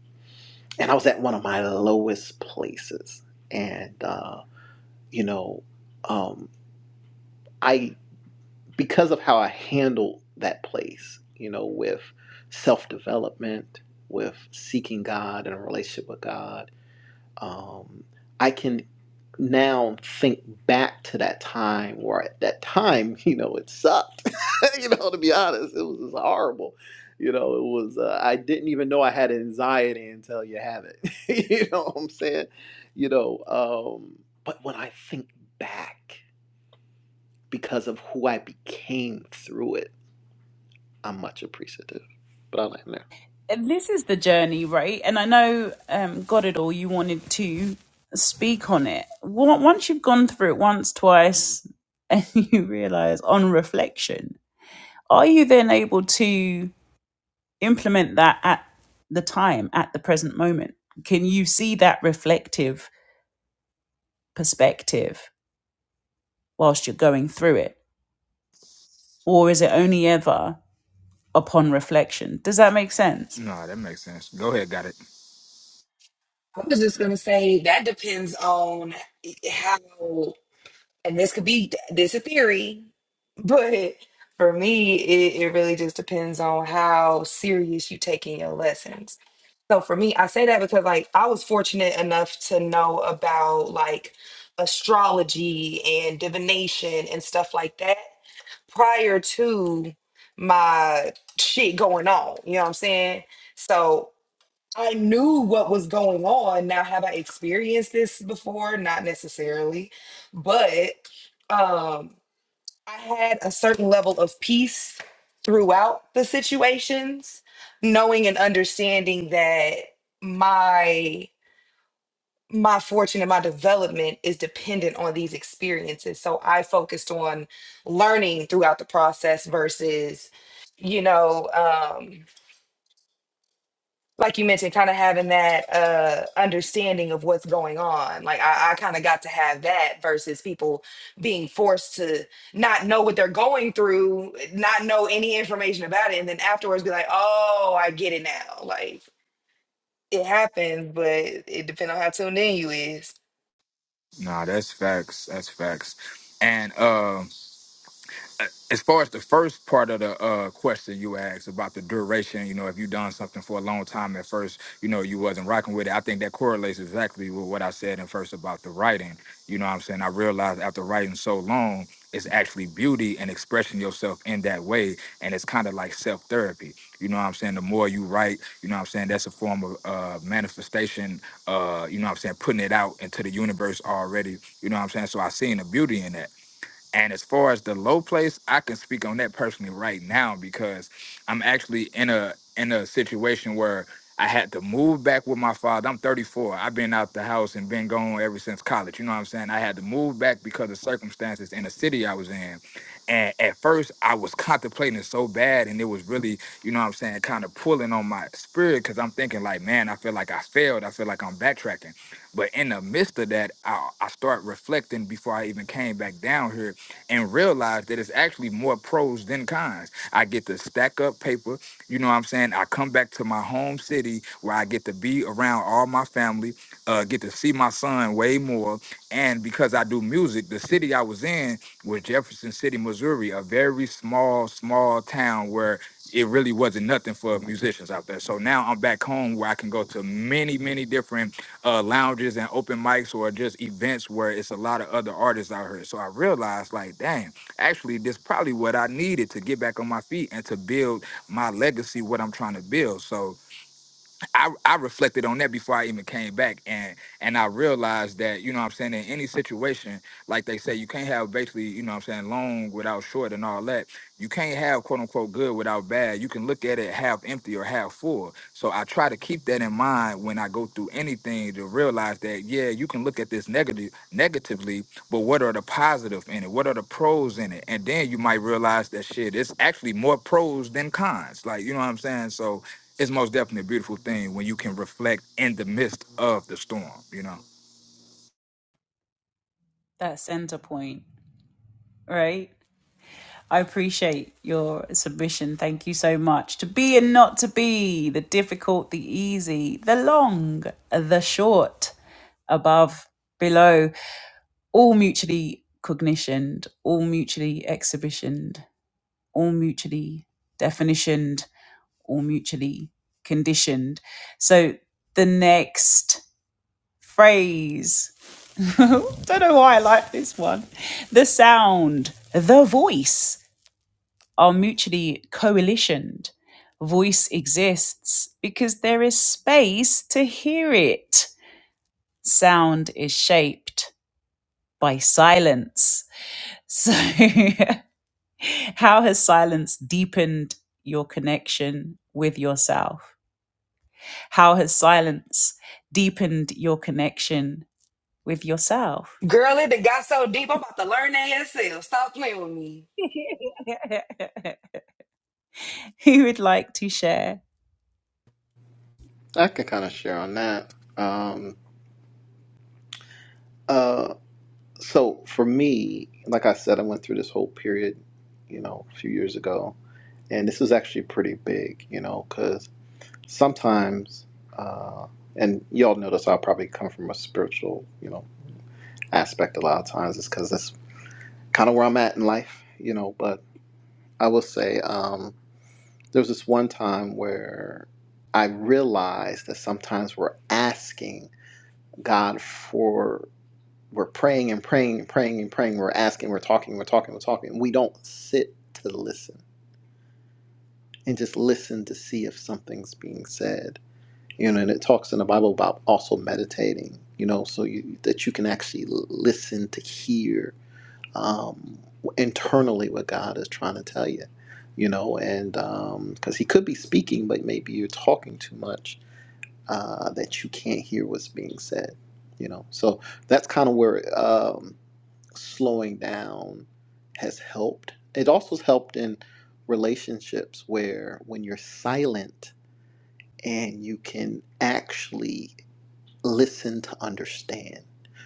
E: and I was at one of my lowest places, and. Uh, you know um i because of how i handled that place you know with self-development with seeking god and a relationship with god um i can now think back to that time where at that time you know it sucked you know to be honest it was just horrible you know it was uh, i didn't even know i had anxiety until you have it you know what i'm saying you know um but when i think back because of who I became through it, I'm much appreciative. But I will end there.
A: and this is the journey, right? And I know, um, God, it all. You wanted to speak on it. Wa- Once you've gone through it once, twice, and you realize on reflection, are you then able to implement that at the time, at the present moment? Can you see that reflective perspective whilst you're going through it, or is it only ever upon reflection? Does that make sense?
F: No, that makes sense. Go ahead, got it.
D: I was just gonna say that depends on how and they depends on how six. I was fortunate enough to know about like astrology and divination and stuff like that prior to my shit going on. You know what I'm saying? So I knew what was going on. Now, have I experienced this before? Not necessarily, but um, I had a certain level of peace throughout the situations, knowing and understanding that my my fortune and my development is dependent on these experiences. So I focused on learning throughout the process versus, you know, um, like you mentioned, kind of having that uh, understanding of what's going on. Like I, I kind of got to have that versus people being forced to not know what they're going through, not know any information about it, and then afterwards be like, "Oh, I get it now." Like it happens, but it depends on how tuned in you is.
F: Nah, that's facts. That's facts. And uh, as far as the first part of the uh, question you asked about the duration, you know, if you done something for a long time at first, you know, you wasn't rocking with it. I think that correlates exactly with what I said in first about the writing. You know what I'm saying? I realized after writing so long, it's actually beauty and expressing yourself in that way. And it's kind of like self therapy. You know what I'm saying? The more you write, you know what I'm saying? That's a form of uh, manifestation, uh, you know what I'm saying? Putting it out into the universe already. You know what I'm saying? So I seen the beauty in that. And as far as the low place, I can speak on that personally right now because I'm actually in a in a situation where I had to move back with my father. I'm 34. I've been out the house and been gone ever since college. You know what I'm saying? I had to move back because of circumstances in the city I was in. And at first, I was contemplating it so bad, and it was really, you know what I'm saying, kind of pulling on my spirit because I'm thinking, like, man, I feel like I failed. I feel like I'm backtracking. But in the midst of that, I, I start reflecting before I even came back down here and realize that it's actually more pros than cons. I get to stack up paper. You know what I'm saying? I come back to my home city where I get to be around all my family, uh, get to see my son way more. And because I do music, the city I was in was Jefferson City, Missouri, a very small, small town where it really wasn't nothing for musicians out there. So now I'm back home where I can go to many, many different uh, lounges and open mics or just events where it's a lot of other artists out here. So I realized, like, dang, actually, this probably what I needed to get back on my feet and to build my legacy, what I'm trying to build. So I, I reflected on that before I even came back and and I realized that, you know what I'm saying, in any situation, like they say, you can't have basically, you know what I'm saying, long without short and all that. You can't have quote unquote good without bad. You can look at it half empty or half full. So I try to keep that in mind when I go through anything to realize that, yeah, you can look at this negative negatively, but what are the positive in it? What are the pros in it? And then you might realize that shit, it's actually more pros than cons. Like, you know what I'm saying? So it's most definitely a beautiful thing when you can reflect in the midst of the storm, you know.
A: That center point, right? I appreciate your submission. Thank you so much. To be and not to be, the difficult, the easy, the long, the short, above, below, all mutually cognitioned, all mutually exhibitioned, all mutually definitioned, all mutually conditioned. So the next phrase, don't know why I like this one. The sound, the voice are mutually coalitioned. Voice exists because there is space to hear it. Sound is shaped by silence. So, how has silence deepened your connection with yourself? How has silence deepened your connection with yourself?
D: Girl, it done got so deep. I'm about to learn that yourself. Stop playing with me.
A: Who would like to share?
E: I can kind of share on that. Um, uh, so for me, like I said, I went through this whole period, you know, a few years ago, and this was actually pretty big, you know, because sometimes, uh, and y'all notice I'll probably come from a spiritual, you know, aspect a lot of times, It's because that's kind of where I'm at in life, you know. But I will say. Um, There was this one time where I realized that sometimes we're asking God for, we're praying and praying and praying and praying, we're asking, we're talking, we're talking, we're talking, and we don't sit to listen and just listen to see if something's being said. You know, and it talks in the Bible about also meditating, you know, so you, that you can actually listen to hear um, internally what God is trying to tell you, you know, and because um, He could be speaking, but maybe you're talking too much uh, that you can't hear what's being said, you know. So that's kind of where um, slowing down has helped. It also has helped in relationships where when you're silent and you can actually listen to understand.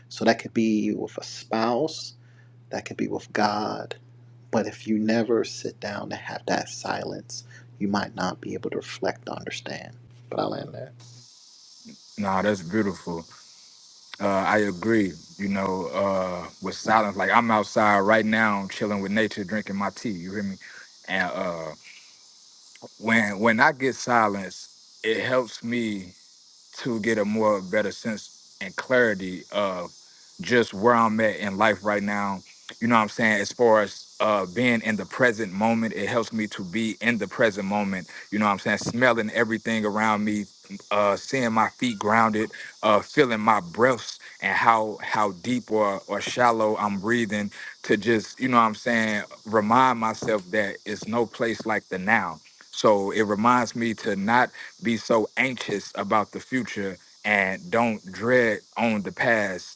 E: So that could be with a spouse, that could be with God but if you never sit down to have that silence, you might not be able to reflect, understand. But I'll end there.
F: Nah, that's beautiful. Uh, I agree, you know, uh, with silence. Like I'm outside right now chilling with nature, drinking my tea, you hear me? And uh, when when I get silence, it helps me to get a more better sense and clarity of. just where I'm at in life right now. You know what I'm saying? As far as uh, being in the present moment, it helps me to be in the present moment. You know what I'm saying? Smelling everything around me, uh, seeing my feet grounded, uh, feeling my breaths and how how deep or or shallow I'm breathing to just you know what I'm saying remind myself that it's no place like the now. So it reminds me to not be so anxious about the future and don't dread on the past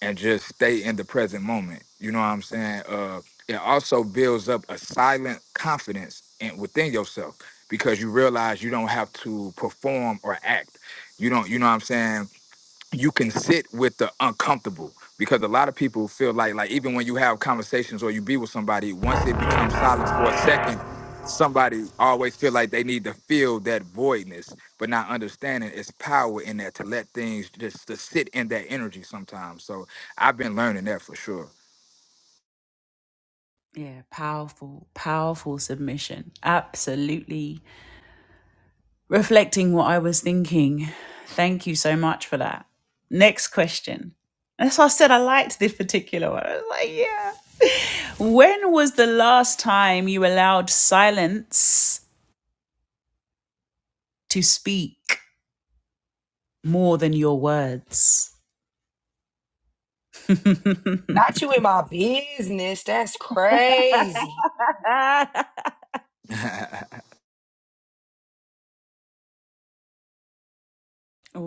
F: and just stay in the present moment. You know what I'm saying? Uh, it also builds up a silent confidence in, within yourself because you realize you don't have to perform or act. You don't, you know what I'm saying? you can sit with the uncomfortable because a lot of people feel like like even when you have conversations or you be with somebody once it becomes silence for a second somebody always feel like they need to fill that voidness but not understanding it's power in that to let things just to sit in that energy sometimes so i've been learning that for sure
A: Yeah, powerful, powerful submission. Absolutely reflecting what I was thinking. Thank you so much for that. Next question. That's why I said I liked this particular one. I was like, yeah. When was the last time you allowed silence to speak more than your words?
D: Not you in my business. That's crazy.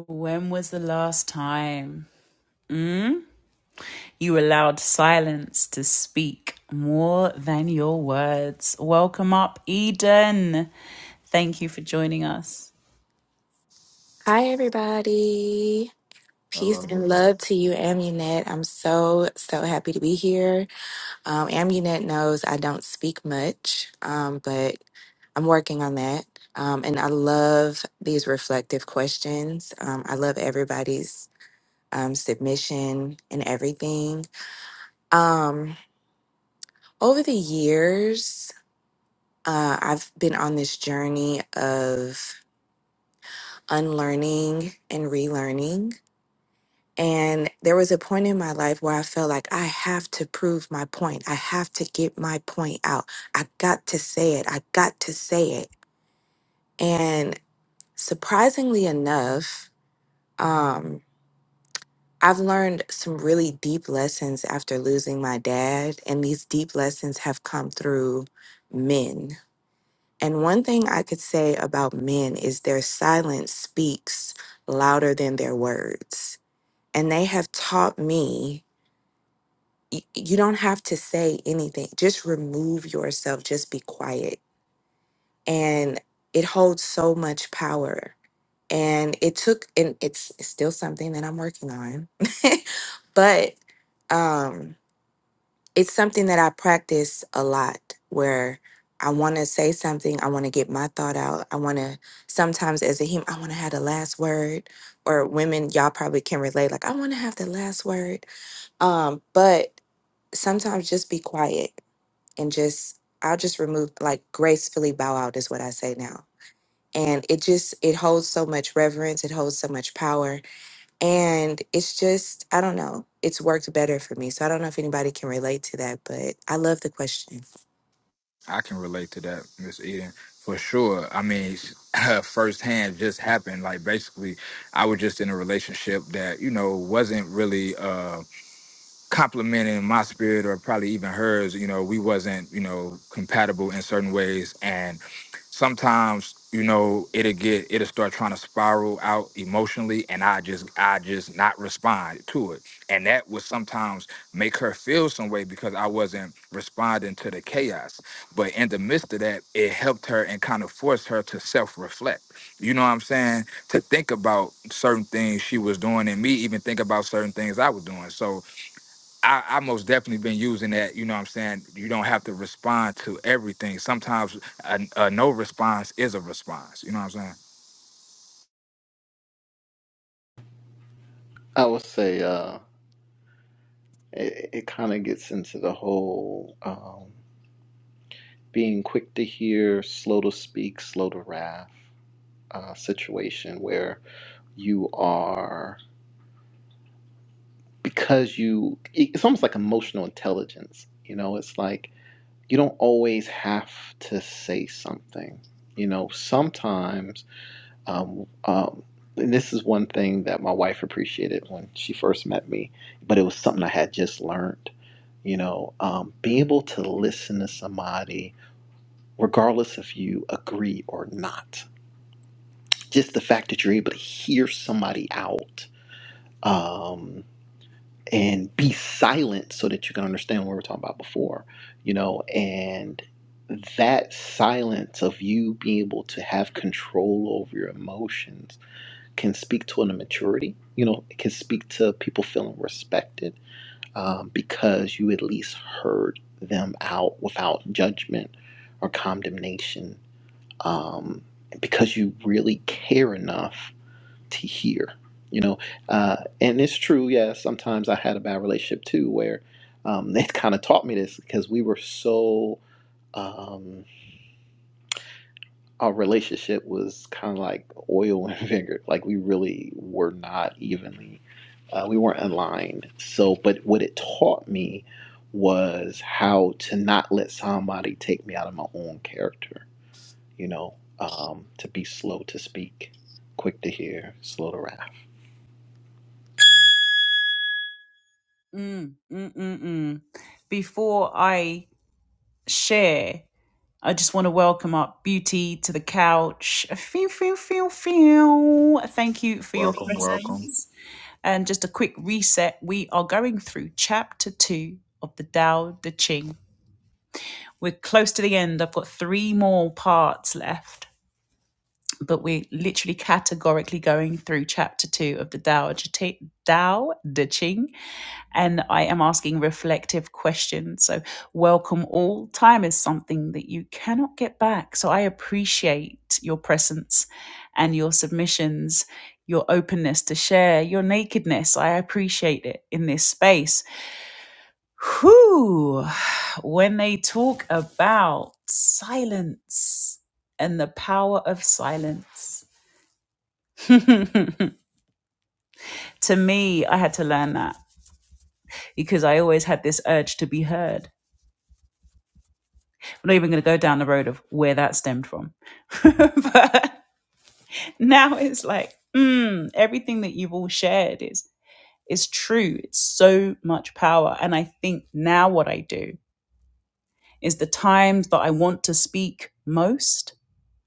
A: when was the last time mm, you allowed silence to speak more than your words? Welcome up, Eden. Thank you for joining us.
G: Hi, everybody. Peace
F: hello
G: and love to you, Amunet. I'm so, so happy to be here. Um, Amunet knows I don't speak much, um, but I'm working on that. Um, and I love these reflective questions. Um, I love everybody's um, submission and everything. Um, over the years, uh, I've been on this journey of unlearning and relearning And there was a point in my life where I felt like I have to prove my point. I have to get my point out. I got to say it. I got to say it. And surprisingly enough, um, I've learned some really deep lessons after losing my dad. And these deep lessons have come through men. And one thing I could say about men is their silence speaks louder than their words. And they have taught me y- you don't have to say anything. Just remove yourself, just be quiet. And it holds so much power. And it took and it's it's still something that I'm working on. but um it's something that I practice a lot where I want to say something, I want to get my thought out. I want to sometimes as a him I want to have the last word or women y'all probably can relate like I want to have the last word. Um but sometimes just be quiet and just I'll just remove like gracefully bow out is what I say now. And it just it holds so much reverence, it holds so much power. And it's just I don't know. It's worked better for me. So I don't know if anybody can relate to that, but I love the question.
F: I can relate to that, Miss Eden, for sure. I mean, firsthand just happened. Like basically, I was just in a relationship that you know wasn't really. Um, complimenting my spirit or probably even hers you know we wasn't you know compatible in certain ways and sometimes you know it'll get it'll start trying to spiral out emotionally and i just i just not respond to it and that would sometimes make her feel some way because i wasn't responding to the chaos but in the midst of that it helped her and kind of forced her to self-reflect you know what i'm saying to think about certain things she was doing and me even think about certain things i was doing so I, I most definitely been using that. You know what I'm saying? You don't have to respond to everything. Sometimes a, a no response is a response. You know what I'm saying?
E: I would say uh, it, it kind of gets into the whole um, being quick to hear, slow to speak, slow to wrath uh, situation where you are, because you, it's almost like emotional intelligence. You know, it's like you don't always have to say something. You know, sometimes Um, um, and this is one thing that my wife appreciated when she first met me, but it was something I had just learned. You know, um, being able to listen to somebody, regardless if you agree or not, just the fact that you're able to hear somebody out um, and be silent so that you can understand what we were talking about before, you know, and that silence of you being able to have control over your emotions can speak to an immaturity. You know, it can speak to people feeling respected um, because you at least heard them out without judgment or condemnation, um, because you really care enough to hear. You know, uh, and it's true. Yeah, sometimes I had a bad relationship too, where um, they kind of taught me this because we were so. um, our relationship was kind of like oil and vinegar. Like we really were not evenly, uh, we weren't in line. So, but what it taught me was how to not let somebody take me out of my own character. You know, um, to be slow to speak, quick to hear, slow to wrath.
A: Mm, mm, mm, mm. Before I share, I just want to welcome up Beauty to the couch. Feel, feel, feel, feel. Thank you for your
F: Welcome, welcome.
A: presence. And just a quick reset we are going through chapter two of the Tao Te Ching. We're close to the end. I've got three more parts left, but we're literally categorically going through chapter two of the Tao Te Ching. Tao Te Ching. and I am asking reflective questions. So, welcome all. Time is something that you cannot get back. So, I appreciate your presence and your submissions, your openness to share, your nakedness. I appreciate it in this space. Whew, when they talk about silence and the power of silence. to me, I had to learn that because I always had this urge to be heard I'm not even going to go down the road of where that stemmed from. but now it's like, mm, everything that you've all shared is is true. It's so much power. And I think now what I do is the times that I want to speak most,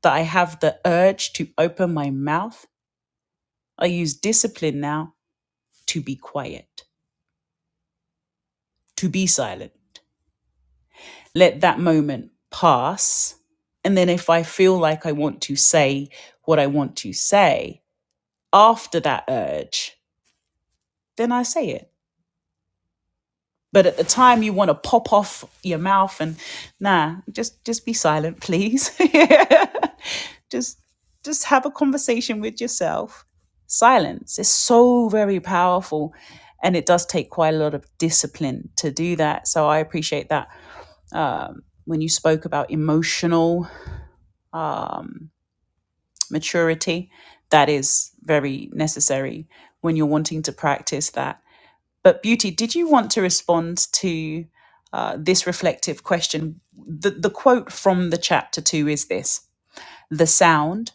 A: that I have the urge to open my mouth, I use discipline now to be quiet, to be silent. Let that moment pass. And then if I feel like I want to say what I want to say, after that urge, then I say it. But at the time you want to pop off your mouth and nah, just just be silent, please. just just have a conversation with yourself. Silence is so very powerful and it does take quite a lot of discipline to do that. So I appreciate that. Um, when you spoke about emotional um, maturity, that is very necessary when you're wanting to practice that But Beauty, did you want to respond to uh, this reflective question? The, the quote from the chapter two is this The sound,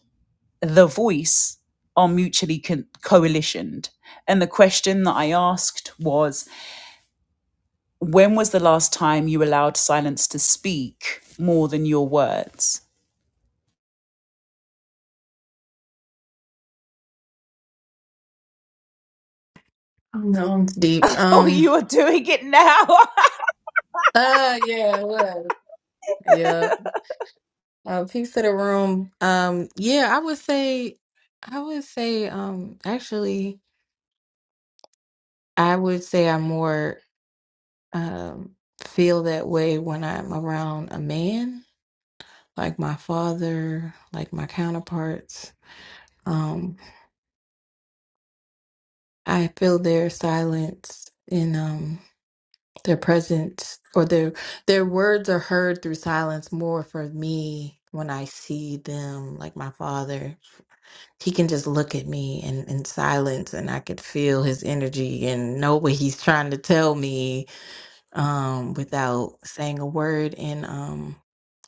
A: the voice are mutually co- coalitioned. And the question that I asked was When was the last time you allowed silence to speak more than your words?
H: No, it's deep.
A: I thought
H: Um.
A: you were doing it now.
H: Uh. Yeah. It was. Yeah. Uh, peace to the room. Um. Yeah. I would say. I would say. Um. Actually, I would say I more um feel that way when I'm around a man, like my father, like my counterparts. Um. I feel their silence, and um. Their presence or their their words are heard through silence more for me when I see them, like my father. He can just look at me and in silence and I could feel his energy and know what he's trying to tell me um without saying a word. And um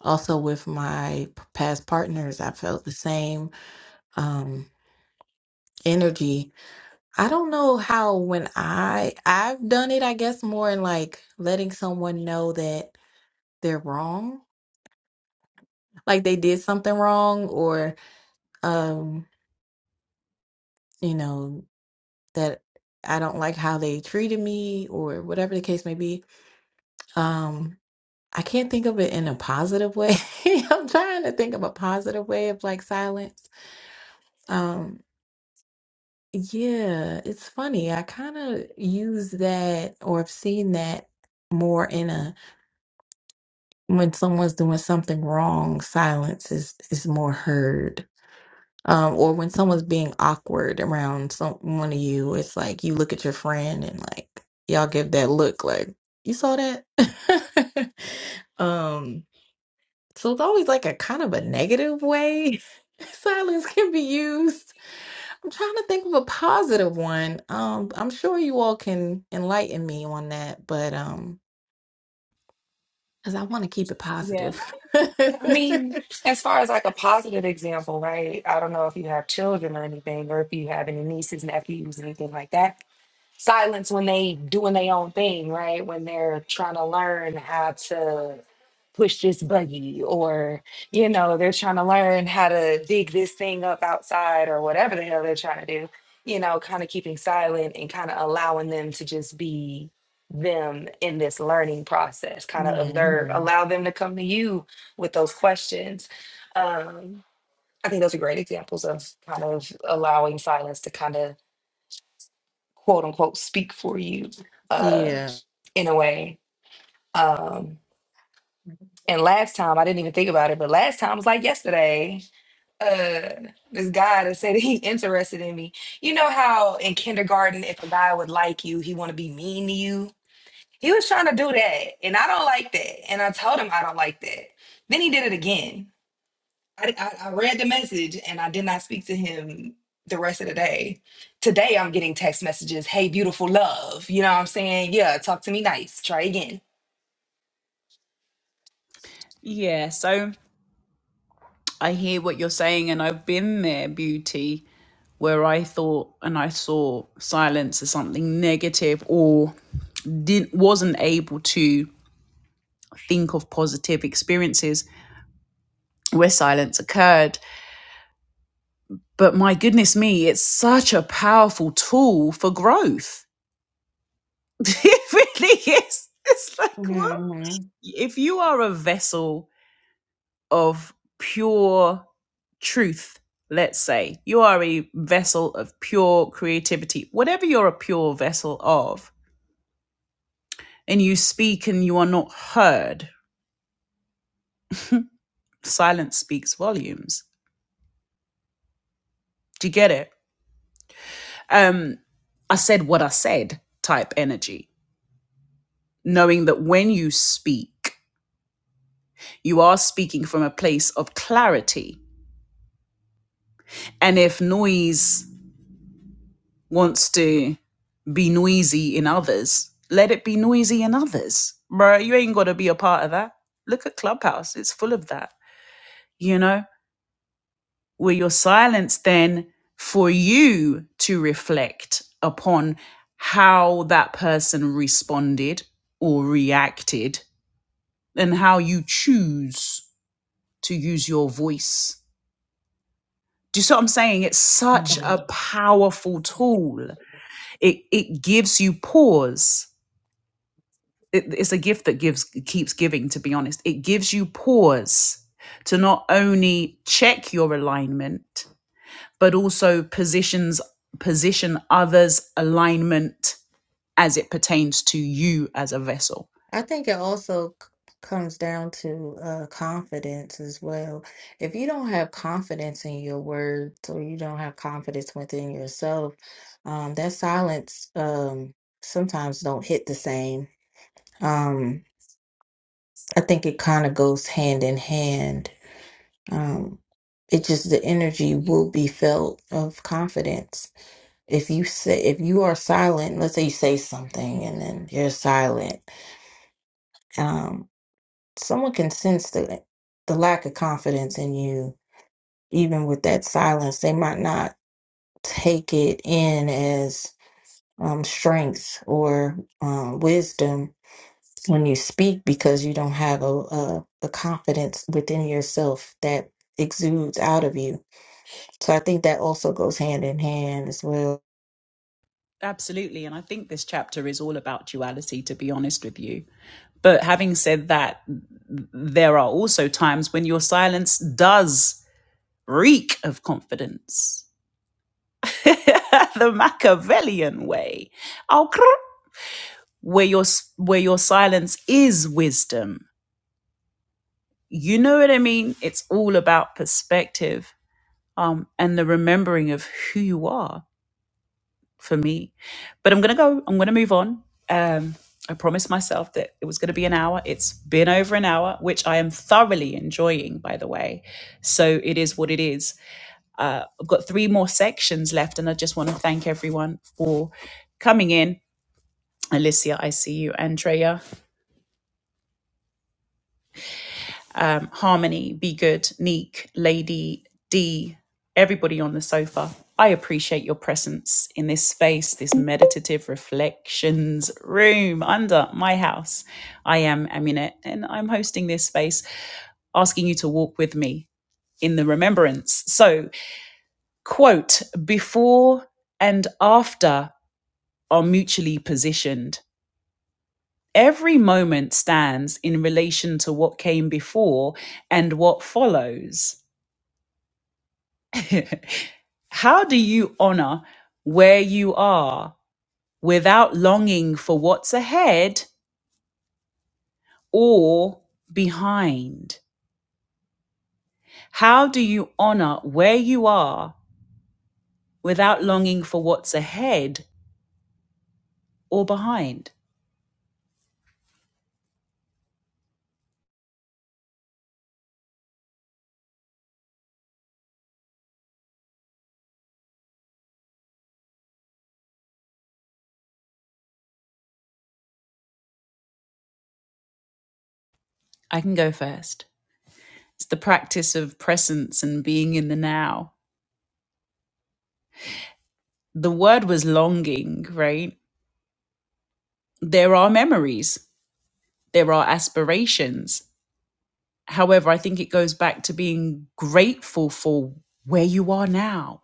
H: also with my p- past partners, I felt the same um energy. I don't know how when I I've done it, I guess more in like letting someone know that they're wrong, like they did something wrong, or um, you know, that I don't like how they treated me, or whatever the case may be. Um, I can't think of it in a positive way. I'm trying to think of a positive way of like silence. Um, yeah, it's funny. I kind of use that or have seen that more in a when someone's doing something wrong, silence is is more heard Um, or when someone's being awkward around some one of you, it's like you look at your friend and like y'all give that look like you saw that. um, so it's always like a kind of a negative way silence can be used. I'm trying to think of a positive one. Um, I'm sure you all can enlighten me on that, but um, because I want to keep it
A: Yeah.
H: positive.
D: I mean, as far as like a positive example, right? I don't know if you have children or anything, or if you have any nieces, nephews, anything like that. silence when they doing their own thing, right? When they're trying to learn how to push this buggy or you know, they're trying to learn how to dig this thing up outside or whatever the hell they're trying to do, you know, kind of keeping silent and kind of allowing them to just be them in this learning process, kind of observe,
H: Mhm.
D: allow them to come to you with those questions. Um I think those are great examples of kind of allowing silence to kind of quote unquote speak for you uh
H: Yeah.
D: in a way um and last time i didn't even think about it but last time was like yesterday uh this guy that said he interested in me you know how in kindergarten if a guy would like you he want to be mean to you he was trying to do that and i don't like that and i told him i don't like that then he did it again I, I, I read the message and I did not speak to him the rest of the day. Today I'm getting text messages, hey, beautiful love. You know what I'm saying? Yeah, talk to me nice. Try again.
A: yeah, so. I hear what you're saying, and I've been there, beauty, where I thought and I saw silence as something negative, or didn't wasn't able to think of positive experiences where silence occurred. But my goodness me, it's such a powerful tool for growth. it really is. It's like what
H: hmm
A: if you are a vessel of pure truth, let's say. You are a vessel of pure creativity, whatever you're a pure vessel of, and you speak and you are not heard, silence speaks volumes. Do you get it? Um, I said what I said type energy, knowing that when you speak, you are speaking from a place of clarity. And if noise wants to be noisy in others, let it be noisy in others. Bruh, you ain't got to be a part of that. Look at Clubhouse, it's full of that. You know, where your silence then for you to reflect upon how that person responded or reacted and how you choose to use your voice. Do you see what I'm saying? It's such a powerful tool. It it gives you pause it, it's a gift that gives keeps giving to be honest it gives you pause to not only check your alignment but also positions position others alignment as it pertains to you as a vessel
H: I think it also c- comes down to uh, confidence as well. If you don't have confidence in your words or you don't have confidence within yourself, um, that silence um, sometimes don't hit the same. Um, I think it kind of goes hand in hand. Um, it just the energy will be felt of confidence. If you say if you are silent, let's say you say something and then you're silent. um, someone can sense the the lack of confidence in you even with that silence they might not take it in as um, strength or um, wisdom when you speak because you don't have a, a, a confidence within yourself that exudes out of you so i think that also goes hand in hand as well
A: absolutely and i think this chapter is all about duality to be honest with you but having said that there are also times when your silence does reek of confidence the machiavellian way Oh, where your s- where your silence is wisdom you know what i mean it's all about perspective um and the remembering of who you are for me but i'm gonna go i'm gonna move on um i promised myself that it was gonna be an hour it's been over an hour which i am thoroughly enjoying by the way so it is what it is uh, i've got three more sections left and i just want to thank everyone for coming in alicia i see you andrea um, Harmony, Be Good, Neek, Lady, D, everybody on the sofa. I appreciate your presence in this space, this meditative reflections room under my house. I am Aminette and I'm hosting this space, asking you to walk with me in the remembrance. So, quote, before and after are mutually positioned. Every moment stands in relation to what came before and what follows. How do you honor where you are without longing for what's ahead or behind? How do you honor where you are without longing for what's ahead or behind? I can go first. It's the practice of presence and being in the now. The word was longing, right? There are memories, there are aspirations, However, I think it goes back to being grateful for where you are now,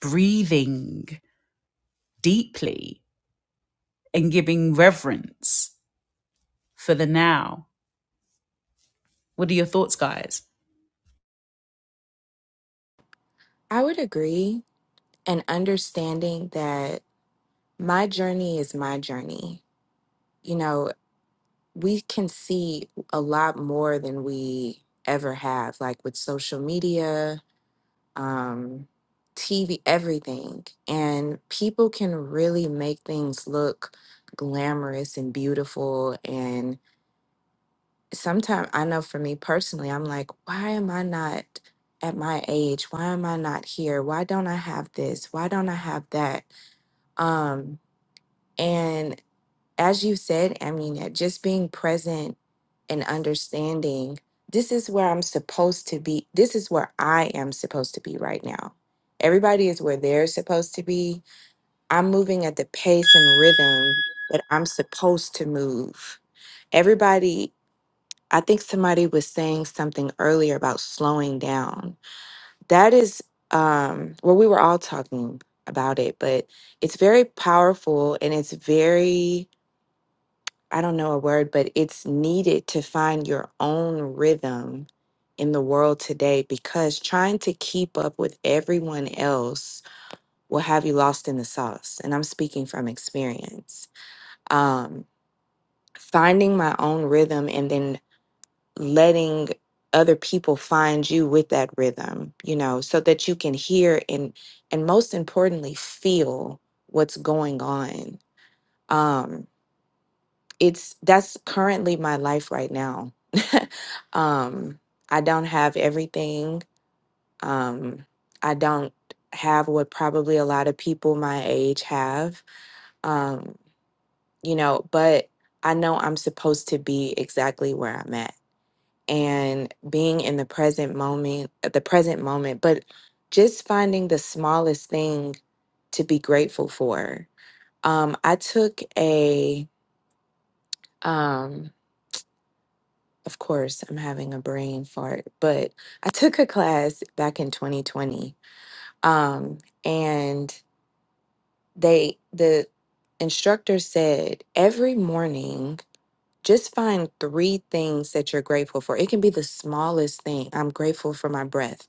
A: breathing deeply and giving reverence for the now. What are your thoughts, guys?
G: I would agree and understanding that my journey is my journey. You know, we can see a lot more than we ever have, like with social media, um, TV, everything. And people can really make things look glamorous and beautiful. And sometimes I know for me personally, I'm like, why am I not at my age? Why am I not here? Why don't I have this? Why don't I have that? Um, and as you said, Amina, just being present and understanding this is where I'm supposed to be. This is where I am supposed to be right now. Everybody is where they're supposed to be. I'm moving at the pace and rhythm that I'm supposed to move. Everybody, I think somebody was saying something earlier about slowing down. That is um well, we were all talking about it, but it's very powerful and it's very I don't know a word, but it's needed to find your own rhythm in the world today because trying to keep up with everyone else will have you lost in the sauce. And I'm speaking from experience. Um, finding my own rhythm and then letting other people find you with that rhythm, you know, so that you can hear and and most importantly feel what's going on. Um, it's that's currently my life right now. um, I don't have everything. Um, I don't have what probably a lot of people my age have. Um, you know, but I know I'm supposed to be exactly where I'm at and being in the present moment, uh, the present moment, but just finding the smallest thing to be grateful for. Um, I took a um Of course, I'm having a brain fart, but I took a class back in 2020. Um, and they the instructor said every morning just find three things that you're grateful for. It can be the smallest thing. I'm grateful for my breath.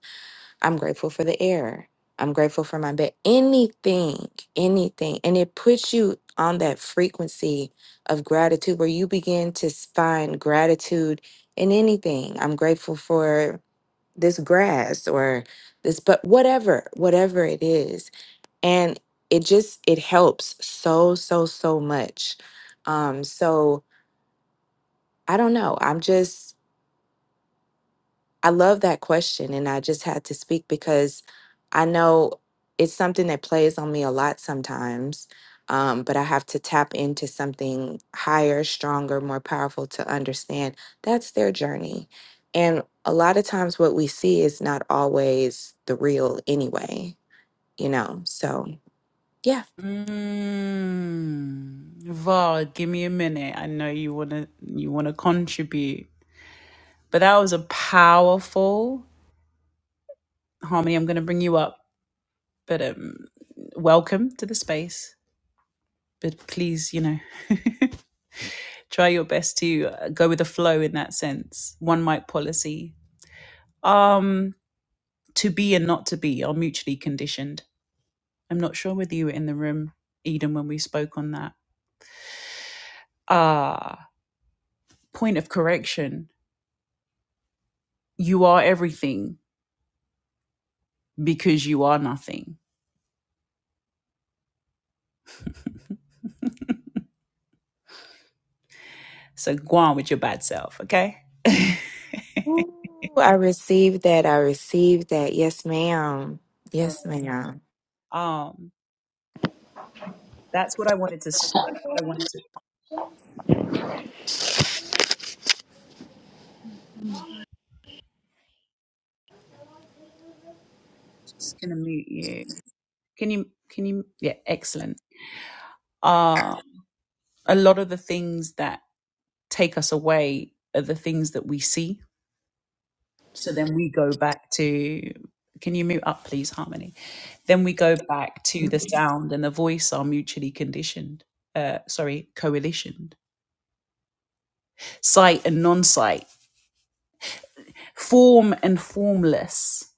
G: I'm grateful for the air. I'm grateful for my bed. Anything, anything. And it puts you on that frequency of gratitude where you begin to s- find gratitude in anything. I'm grateful for this grass or this, but whatever, whatever it is. And it just, it helps so, so, so much. Um, so I don't know. I'm just I love that question. And I just had to speak because I know it's something that plays on me a lot sometimes. Um, but I have to tap into something higher, stronger, more powerful to understand that's their journey. And a lot of times, what we see is not always the real anyway, you know? So, yeah.
A: Mm, Var, give me a minute. I know you wanna you wanna contribute, but that was a powerful harmony. I'm gonna bring you up, but um, welcome to the space. But please, you know. try your best to uh, go with the flow in that sense. One mic policy. Um, to be and not to be are mutually conditioned. I'm not sure whether you were in the room, Eden, when we spoke on that. Ah, point of correction. You are everything because you are nothing. So go on with your bad self, okay?
G: Ooh, I received that. I received that. Yes, ma'am.
A: All right.
G: Yes, ma'am.
A: um, that's what I wanted to. sh- That's what I wanted to. Mm, Just gonna mute you. Can you? Can you? Yeah, excellent. Uh, a lot of the things that take us away are the things that we see. So then we go back to, can you mute up, please, Harmony? Then we go back to the sound and the voice are mutually conditioned, uh, sorry, coalitioned. Sight and non sight, form and formless,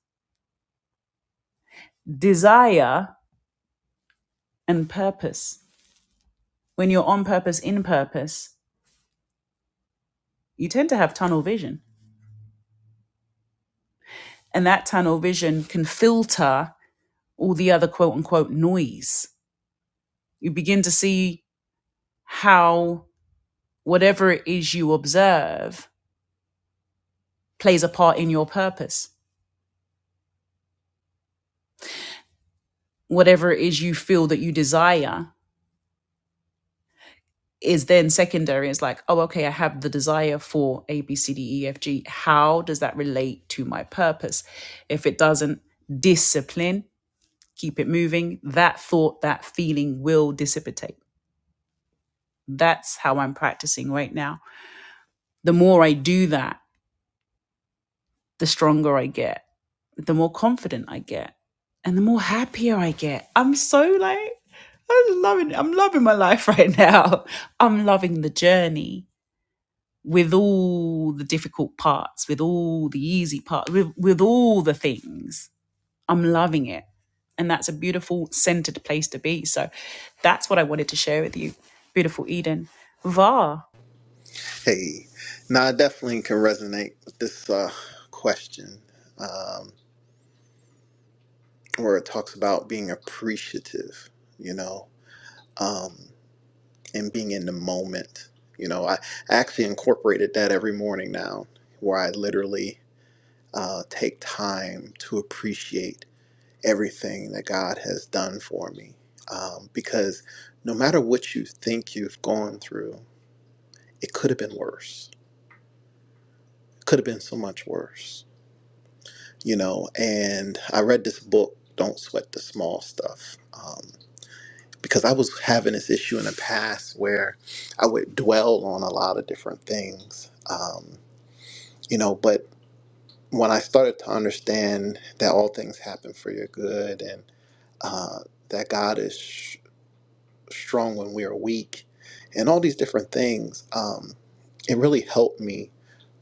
A: desire and purpose. When you're on purpose, in purpose, you tend to have tunnel vision. And that tunnel vision can filter all the other quote unquote noise. You begin to see how whatever it is you observe plays a part in your purpose. Whatever it is you feel that you desire is then secondary. It's like, oh, okay, I have the desire for A, B, C, D, E, F, G. How does that relate to my purpose? If it doesn't, discipline, keep it moving. That thought, that feeling will dissipate. That's how I'm practicing right now. The more I do that, the stronger I get, the more confident I get, and the more happier I get. I'm so like, I'm loving I'm loving my life right now. I'm loving the journey with all the difficult parts, with all the easy parts, with, with all the things. I'm loving it. And that's a beautiful centered place to be. So that's what I wanted to share with you. Beautiful Eden. Var.
E: Hey, now I definitely can resonate with this uh, question um, where it talks about being appreciative, you know. Um, and being in the moment. You know, I actually incorporated that every morning now, where I literally uh, take time to appreciate everything that God has done for me. Um, because no matter what you think you've gone through, it could have been worse. It could have been so much worse, you know. And I read this book, Don't Sweat the Small Stuff, um, because I was having this issue in the past where I would dwell on a lot of different things. Um, you know but when i started to understand that all things happen for your good and uh, that god is sh- strong when we are weak and all these different things um, it really helped me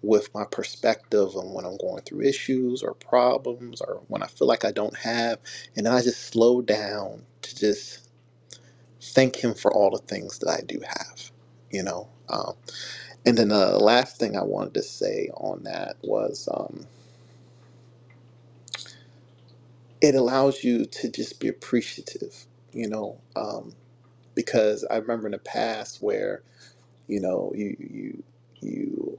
E: with my perspective on when i'm going through issues or problems or when i feel like i don't have and then i just slow down to just thank him for all the things that i do have you know um, and then the last thing i wanted to say on that was um, it allows you to just be appreciative, you know, um, because I remember in the past where you know you you you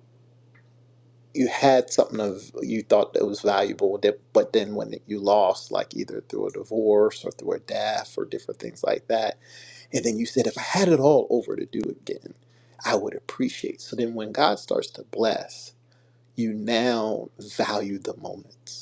E: you had something of you thought that was valuable, that, but then when you lost, like either through a divorce or through a death or different things like that, and then you said, if I had it all over to do again, I would appreciate. So then, when God starts to bless, you now value the moments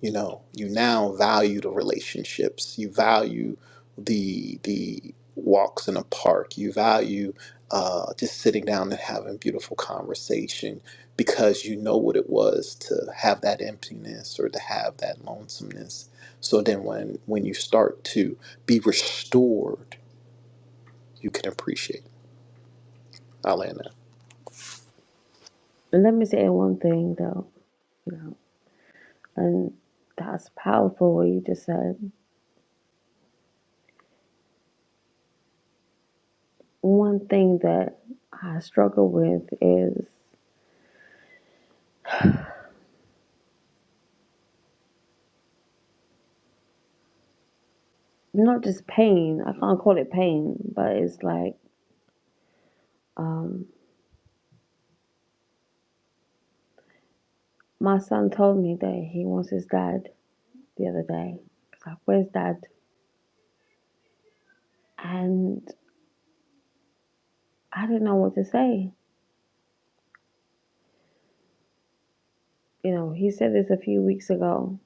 E: you know you now value the relationships you value the the walks in a park you value uh, just sitting down and having beautiful conversation because you know what it was to have that emptiness or to have that lonesomeness so then when when you start to be restored you can appreciate I'll end there.
I: Let me say one thing though, and that's powerful what you just said. One thing that I struggle with is not just pain. I can't call it pain, but it's like um, my son told me that he wants his dad the other day. He's like, "Where's dad?" And I didn't know what to say. You know, he said this a few weeks ago.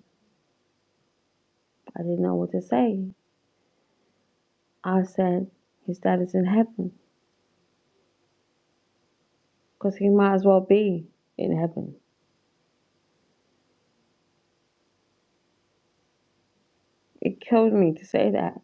I: I didn't know what to say. I said, "His dad is in heaven," because he might as well be in heaven it killed me to say that.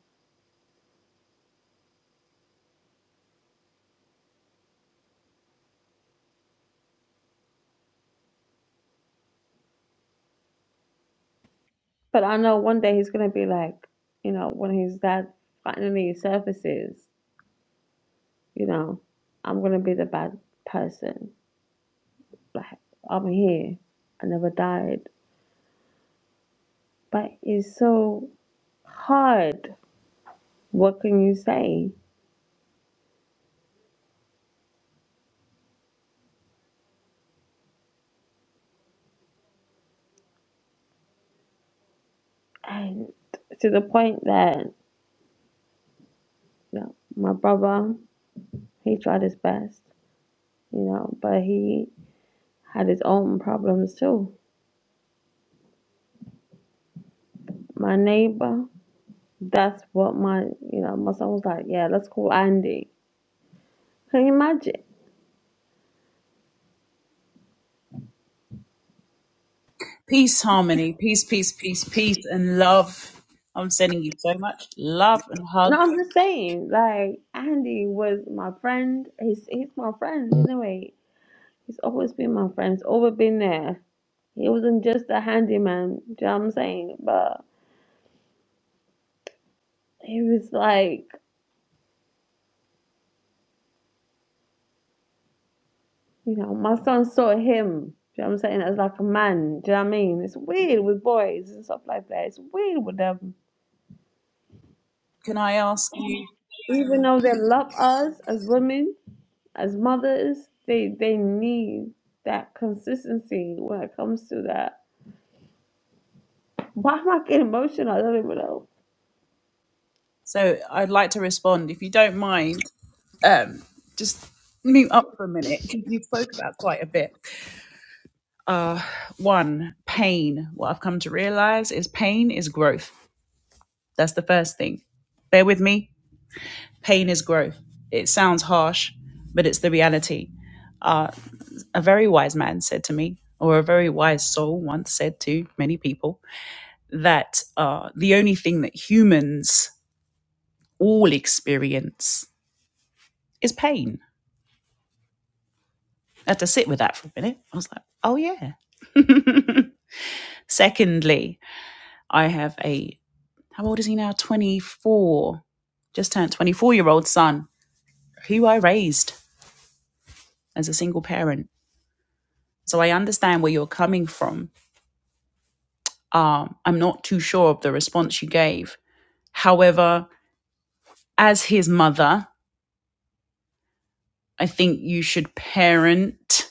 I: But I know one day he's gonna be like, you know, when his dad finally surfaces, you know, I'm gonna be the bad person. Like I'm here. I never died. But it's so hard. What can you say? And to the point that you know, my brother, he tried his best, you know, but he had his own problems too. My neighbor, That's what my, you know, my son was like, yeah, let's call Andy. Can you imagine?
A: Peace, harmony, peace, peace, peace, peace, and love. I'm sending you so much love and
I: No,
A: hug.
I: I'm just saying, like, Andy was my friend. He's he's my friend anyway. He's always been my friend. He's always been there. He wasn't just a handyman, do you know what I'm saying? But he was like, you know, my son saw him, do you know what I'm saying, as like a man, do you know what I mean? It's weird with boys and stuff like that. It's weird with them.
A: Can I ask you?
I: Even though they love us as women, as mothers, they they need that consistency when it comes to that. Why am I getting emotional? I don't even know.
A: So I'd like to respond if you don't mind. um, just mute up for a minute because you spoke about quite a bit. Uh, one, pain. What I've come to realize is pain is growth. That's the first thing. Bear with me. Pain is growth. It sounds harsh, but it's the reality. Uh, a very wise man said to me, or a very wise soul once said to many people, that uh, the only thing that humans all experience is pain. I had to sit with that for a minute. I was like, oh, yeah. Secondly, I have a, how old is he now? 24, just turned 24 year old son who I raised as a single parent. So I understand where you're coming from. Um, I'm not too sure of the response you gave. However, as his mother, I think you should parent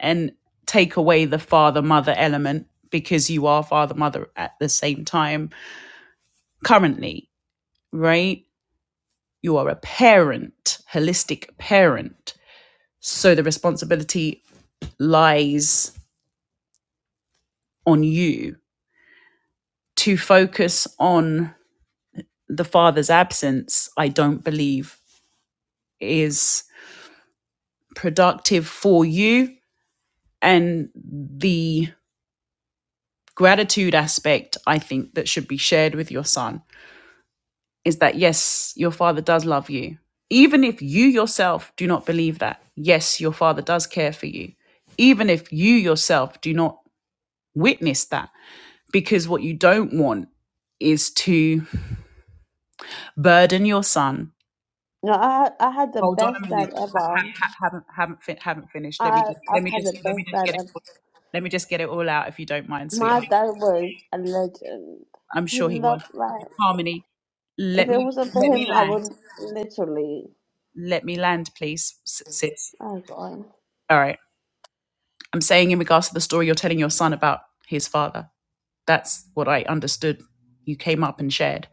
A: and take away the father mother element because you are father mother at the same time currently, right? You are a parent, holistic parent. So the responsibility lies on you to focus on the father's absence. I don't believe is productive for you. And the gratitude aspect, I think, that should be shared with your son is that yes, your father does love you. Even if you yourself do not believe that, yes, your father does care for you. Even if you yourself do not witness that, because what you don't want is to burden your son.
I: No, I I had the
A: Hold on a
I: best
A: minute.
I: dad
A: Ha-
I: ever.
A: ha- haven't haven't fin- haven't finished. Let
I: I
A: me just, let
I: I've
A: me
I: had
A: just
I: the
A: let me
I: best
A: just get
I: dad
A: it.
I: ever.
A: all- Let me just get it all out if you don't mind,
I: My
A: sweetheart.
I: dad was a legend.
A: I'm
I: He
A: sure he will.
I: loved like
A: Harmony, let
I: if it
A: me
I: wasn't for
A: let me
I: him, I
A: land.
I: would literally.
A: Let me land, please, s- sis.
I: Oh God,
A: All right. I'm saying in regards to the story you're telling your son about his father. That's what I understood. You came up and shared.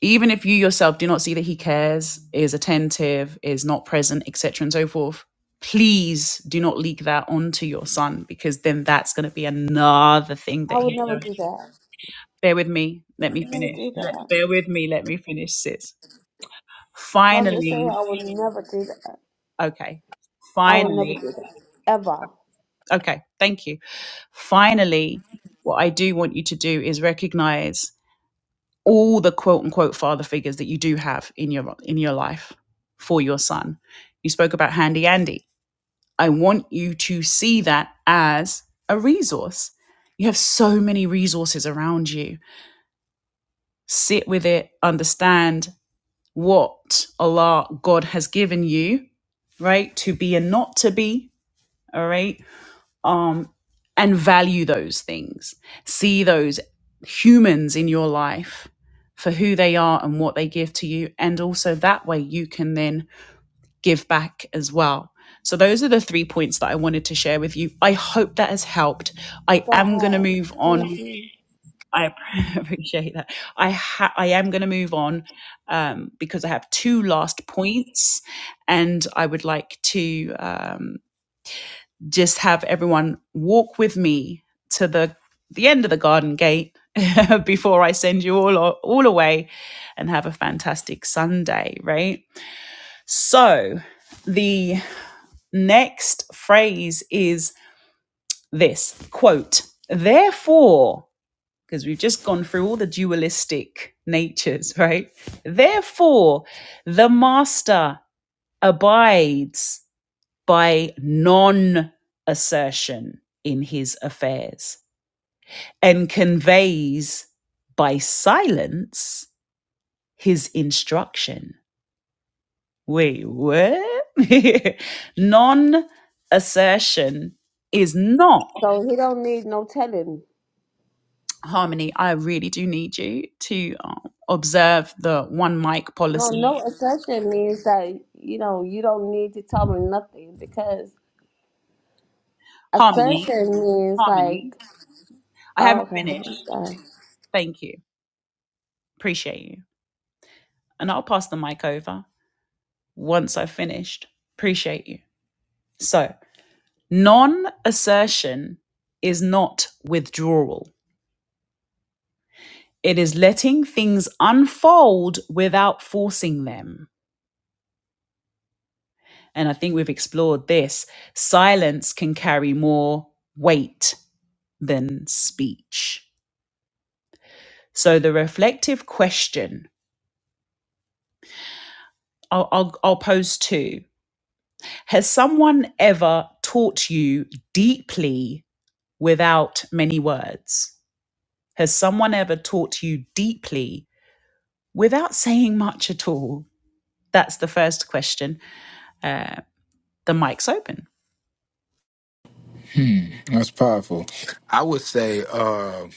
A: even if you yourself do not see that he cares, is attentive, is not present, etc., and so forth, please do not leak that onto your son because then that's going to be another thing that
I: I would
A: he.
I: never
A: knows.
I: do that.
A: Bear with me. Let
I: I would
A: me
I: never
A: finish.
I: do
A: Let,
I: that.
A: bear with me. Let me finish, sis.
I: I'm just saying,
A: Finally,
I: I would never do that.
A: okay.
I: I would never
A: Finally,
I: do that ever.
A: okay. Thank you. Finally, what I do want you to do is recognize all the quote unquote father figures that you do have in your in your life for your son. You spoke about Handy Andy. I want you to see that as a resource. You have so many resources around you. Sit with it, understand what Allah God has given you, right? To be and not to be, all right? um, and value those things. See those humans in your life for who they are and what they give to you. And also that way you can then give back as well. So, those are the three points that I wanted to share with you. I hope that has helped. I am going to
I: God,
A: move on.
I: thank you.
A: I appreciate that. I ha- I am going to move on um, because I have two last points, and I would like to. um, just have everyone walk with me to the the end of the garden gate before I send you all all away and have a fantastic Sunday, right? So, the next phrase is this quote, therefore, because we've just gone through all the dualistic natures, right? Therefore, the master abides by non assertion in his affairs and conveys by silence his instruction. Wait, what? non assertion is not
I: So he don't need no telling.
A: harmony. I really do need you to um, observe the one mic
I: No, no
A: policy.
I: assertion means that you know you don't need to tell me nothing because
A: Harmony,
I: assertion means
A: harmony.
I: like
A: I
I: oh,
A: haven't
I: okay,
A: finished.
I: okay.
A: Thank you. Appreciate you. And I'll pass the mic over once I've finished. Appreciate you. So, non assertion is not withdrawal, it is letting things unfold without forcing them. And I think we've explored this. Silence can carry more weight than speech. So, the reflective question I'll, I'll, I'll pose two Has someone ever taught you deeply without many words? Has someone ever taught you deeply without saying much at all? That's the first question. Uh, the mic's open.
F: Hmm, that's powerful. I would say uh,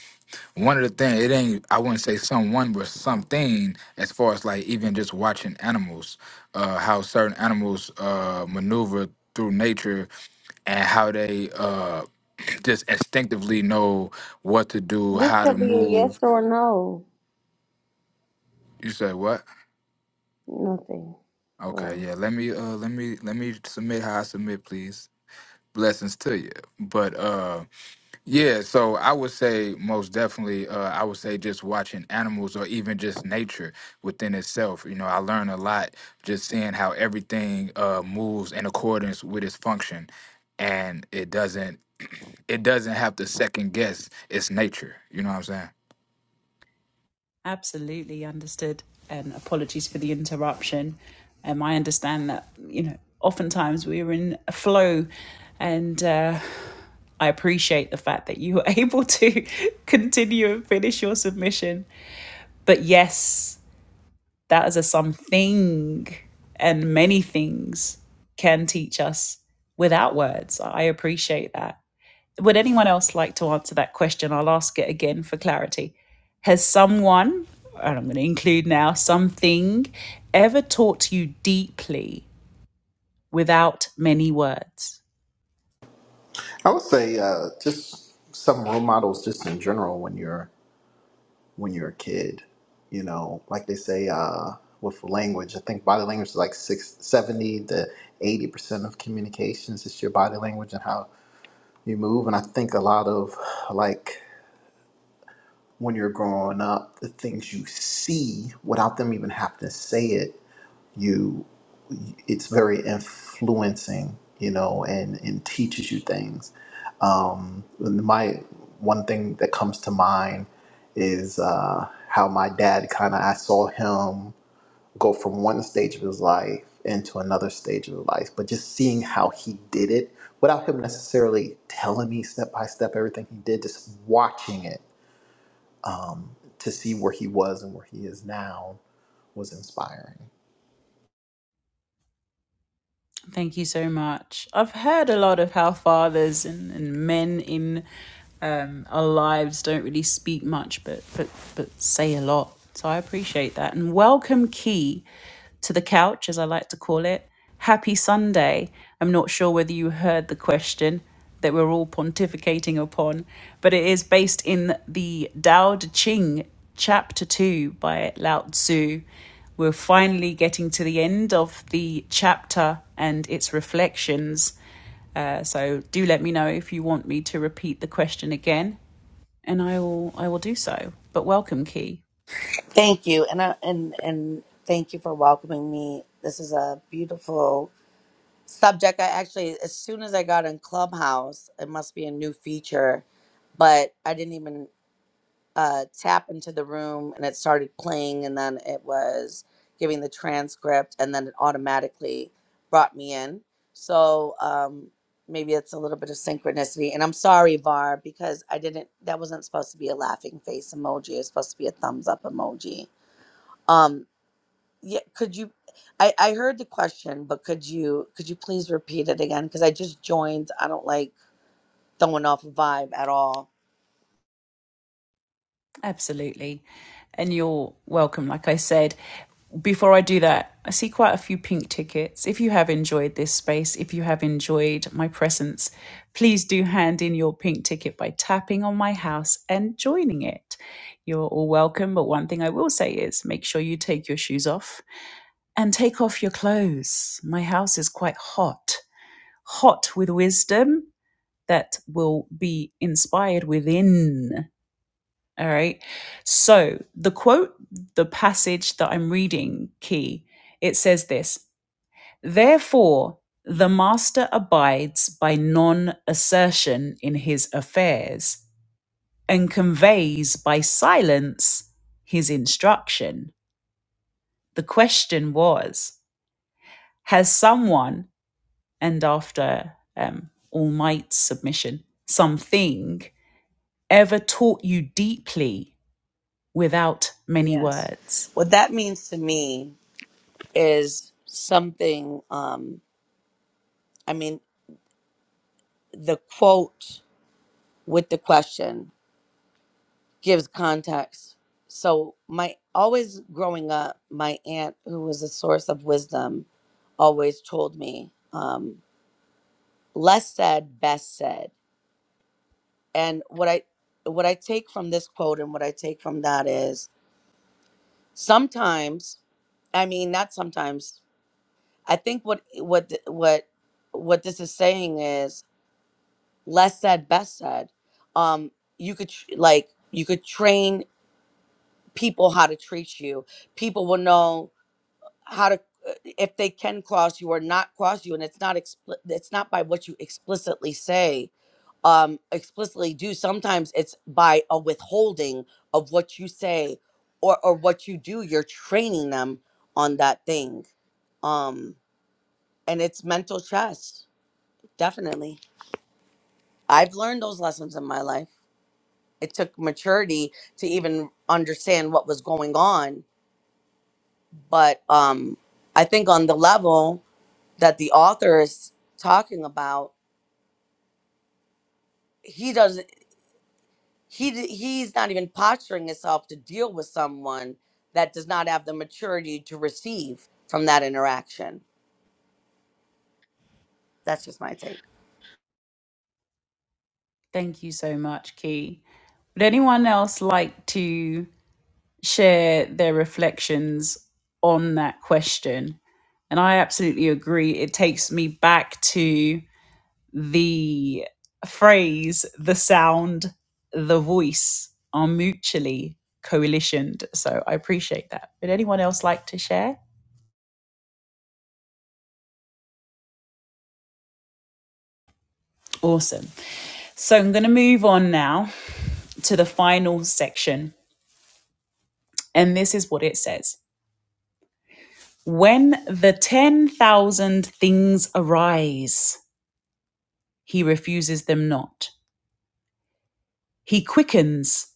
F: one of the things it ain't. I wouldn't say someone, but something as far as like even just watching animals, uh, how certain animals uh, maneuver through nature and how they uh, just instinctively know what to do,
I: this
F: how to
I: could be a yes
F: move.
I: or a no,
F: You say what?
I: nothing.
F: Okay,
I: Cool.
F: yeah. Let me uh let me let me submit how I submit, please. Blessings to you. But uh yeah, so I would say most definitely uh I would say just watching animals or even just nature within itself. You know, I learn a lot just seeing how everything uh moves in accordance with its function and it doesn't it doesn't have to second guess its nature. You know what I'm saying?
A: Absolutely understood. And apologies for the interruption. Um, I understand that, you know, oftentimes we are in a flow. And uh, I appreciate the fact that you were able to continue and finish your submission. But yes, that is a something, and many things can teach us without words. I appreciate that. Would anyone else like to answer that question? I'll ask it again for clarity. Has someone, and I'm going to include now, something ever taught you deeply without many words?
E: I would say uh, just some role models, just in general, when you're when you're a kid. You know, like they say, uh, with language, I think body language is like six, seventy to 80% of communications is your body language and how you move. And I think a lot of like when you're growing up, the things you see without them even having to say it you it's very influencing you know and and teaches you things um my one thing that comes to mind is uh how my dad kind of i saw him go from one stage of his life into another stage of his life but just seeing how he did it without him necessarily telling me step by step everything he did just watching it um to see where he was and where he is now was inspiring
A: Thank you so much. I've heard a lot of how fathers and, and men in um, our lives don't really speak much, but but but say a lot. So I appreciate that. And welcome, Key, to the couch, as I like to call it. Happy Sunday. I'm not sure whether you heard the question that we're all pontificating upon, but it is based in the Dao De Ching, Chapter 2 by Lao Tzu. We're finally getting to the end of the chapter and its reflections. Uh, so do let me know if you want me to repeat the question again, and I will I will do so. But welcome, Key.
J: Thank you, and I, and and thank you for welcoming me. This is a beautiful subject. I actually, as soon as I got in Clubhouse, it must be a new feature, but I didn't even uh, tap into the room, and it started playing, and then it was giving the transcript, and then it automatically brought me in. So um, maybe it's a little bit of synchronicity. And I'm sorry, Var, because I didn't. That wasn't supposed to be a laughing face emoji. It's supposed to be a thumbs up emoji. Um, yeah, could you? I I heard the question, but could you could you please repeat it again? Because I just joined. I don't like throwing off a vibe at all.
A: Absolutely. And you're welcome, like I said. Before I do that, I see quite a few pink tickets. If you have enjoyed this space, if you have enjoyed my presence, please do hand in your pink ticket by tapping on my house and joining it. You're all welcome, but one thing I will say is make sure you take your shoes off and take off your clothes. My house is quite hot, hot with wisdom that will be inspired within. All right. So the quote, the passage that I'm reading, key, it says this Therefore, the master abides by non assertion in his affairs and conveys by silence his instruction. The question was Has someone, and after um, All Might's submission, something ever taught you deeply without many
J: Yes.
A: words?
J: What that means to me is something. Um, I mean, the quote with the question gives context. So my always growing up, my aunt, who was a source of wisdom, always told me, um, "Less said, best said." And what I what I take from this quote and what I take from that is sometimes, I mean not sometimes, I think what what th- what what this is saying is less said best said. Um you could tr- like you could train people how to treat you. People will know how to if they can cross you or not cross you and it's not expli- it's not by what you explicitly say um explicitly do sometimes it's by a withholding of what you say or or what you do you're training them on that thing um and it's mental chess definitely i've learned those lessons in my life it took maturity to even understand what was going on but um i think on the level that the author is talking about he doesn't. he d- he's not even posturing himself to deal with someone that does not have the maturity to receive from that interaction. That's just my take.
A: Thank you so much, Key. Would anyone else like to share their reflections on that question? And I absolutely agree. It takes me back to the phrase, the sound, the voice are mutually coalitioned. So I appreciate that. Would anyone else like to share? Awesome. So I'm going to move on now to the final section. And this is what it says. When the 10,000 things arise, he refuses them not. He quickens,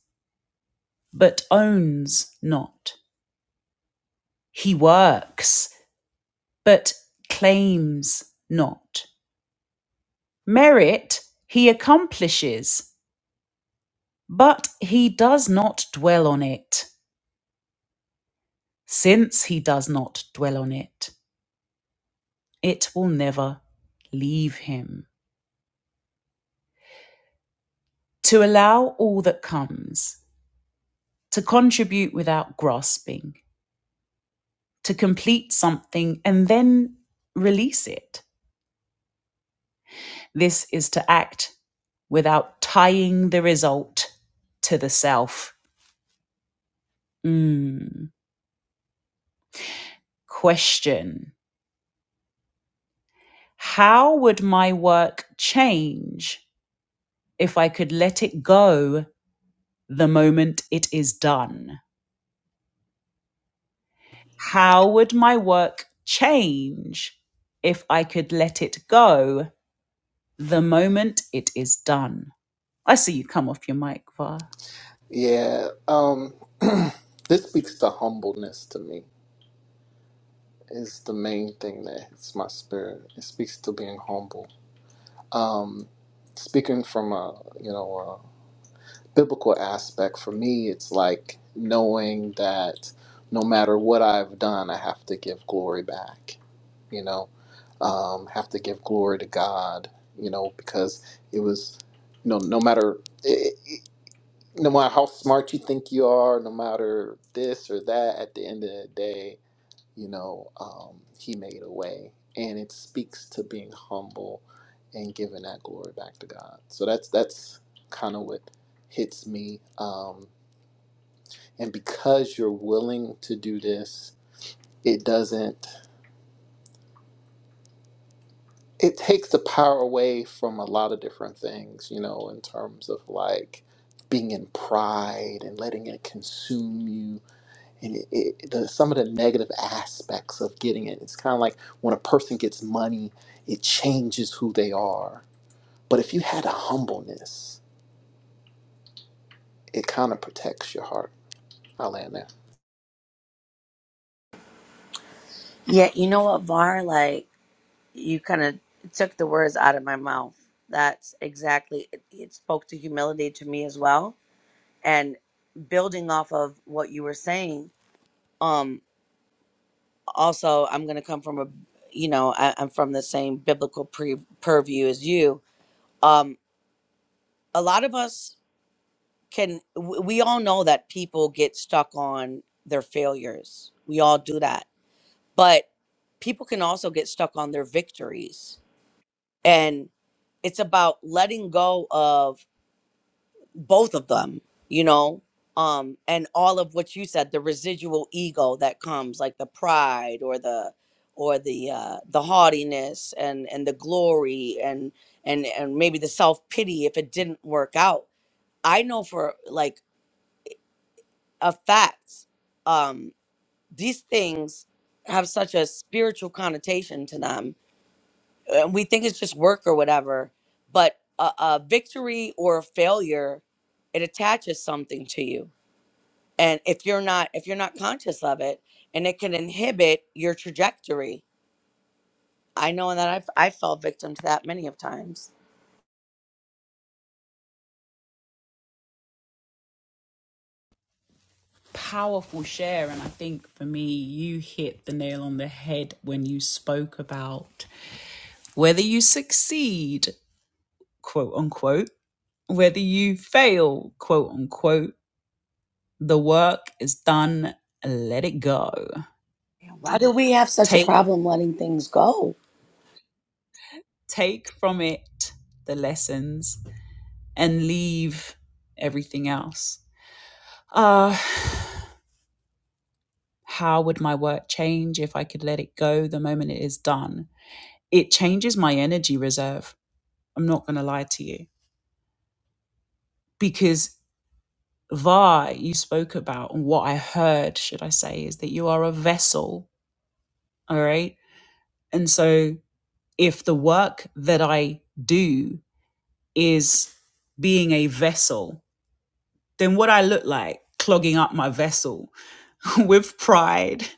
A: but owns not. He works, but claims not. Merit he accomplishes, but he does not dwell on it. Since he does not dwell on it, it will never leave him. To allow all that comes, to contribute without grasping to complete something and then release it. This is to act without tying the result to the self. Mm. Question How would my work change if I could let it go the moment it is done? How would my work change if I could let it go the moment it is done? I see you come off your mic, Va.
E: Yeah. humbleness to me is the main thing that my spirit. It speaks to being humble. Um, speaking from a you know a biblical aspect, for me, it's like knowing that no matter what I've done, I have to give glory back. You know, um, have to give glory to God. You know, because it was you know no matter. It, it, no matter how smart you think you are, no matter this or that, at the end of the day, you know, um, he made a way. And it speaks to being humble and giving that glory back to God. So that's that's kind of what hits me. Um, and because you're willing to do this, it doesn't. it takes the power away from a lot of different things, you know, in terms of like being in pride and letting it consume you and it, it, the, some of the negative aspects of getting it. It's kind of like when a person gets money, it changes who they are. But if you had a humbleness, it kind of protects your heart. I land there.
J: Yeah, you know what, Var? Like you kind of took the words out of my mouth. That's exactly it, it spoke to humility to me as well. And building off of what you were saying, um, also I'm gonna come from a, you know, I, I'm from the same biblical pre- purview as you. Um, a lot of us can w- we all know that people get stuck on their failures we all do that but people can also get stuck on their victories and it's about letting go of both of them you know um and all of what you said the residual ego that comes like the pride or the or the uh the haughtiness and and the glory and and and maybe the self pity if it didn't work out i know for like of facts, um, these things have such a spiritual connotation to them. Uh, We think it's just work or whatever, but a, a victory or a failure, it attaches something to you. And if you're not if you're not conscious of it, and it can inhibit your trajectory. I know that I've I fell victim to that many of times.
A: powerful share. And I think for me, you hit the nail on the head when you spoke about whether you succeed, quote unquote, whether you fail, quote unquote, the work is done. Let it go.
J: Yeah, Why do we have such a
A: Take
J: problem letting things go?
A: take from it the lessons and leave everything else. Uh how would my work change if I could let it go the moment it is done? It changes my energy reserve I'm not going to lie to you. Because VAR, you spoke about, and what I heard, should I say, is that you are a vessel. All right. And so if the work that I do is being a vessel, then what I look like clogging up my vessel with pride,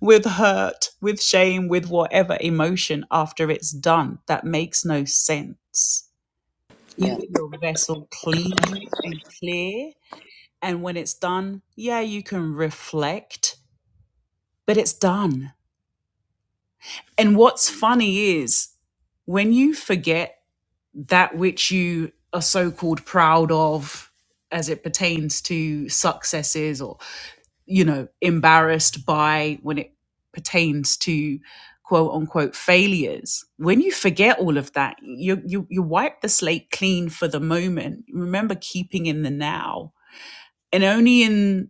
A: with hurt, with shame, with whatever emotion after it's done, that makes no sense. Keep
J: Yeah.
A: your vessel clean and clear And when it's done, yeah, you can reflect, but it's done. And what's funny is when you forget that which you are so called proud of as it pertains to successes or, you know, embarrassed by when it pertains to quote unquote failures, when you forget all of that, you, you, you wipe the slate clean for the moment. Remember keeping in the now. And only in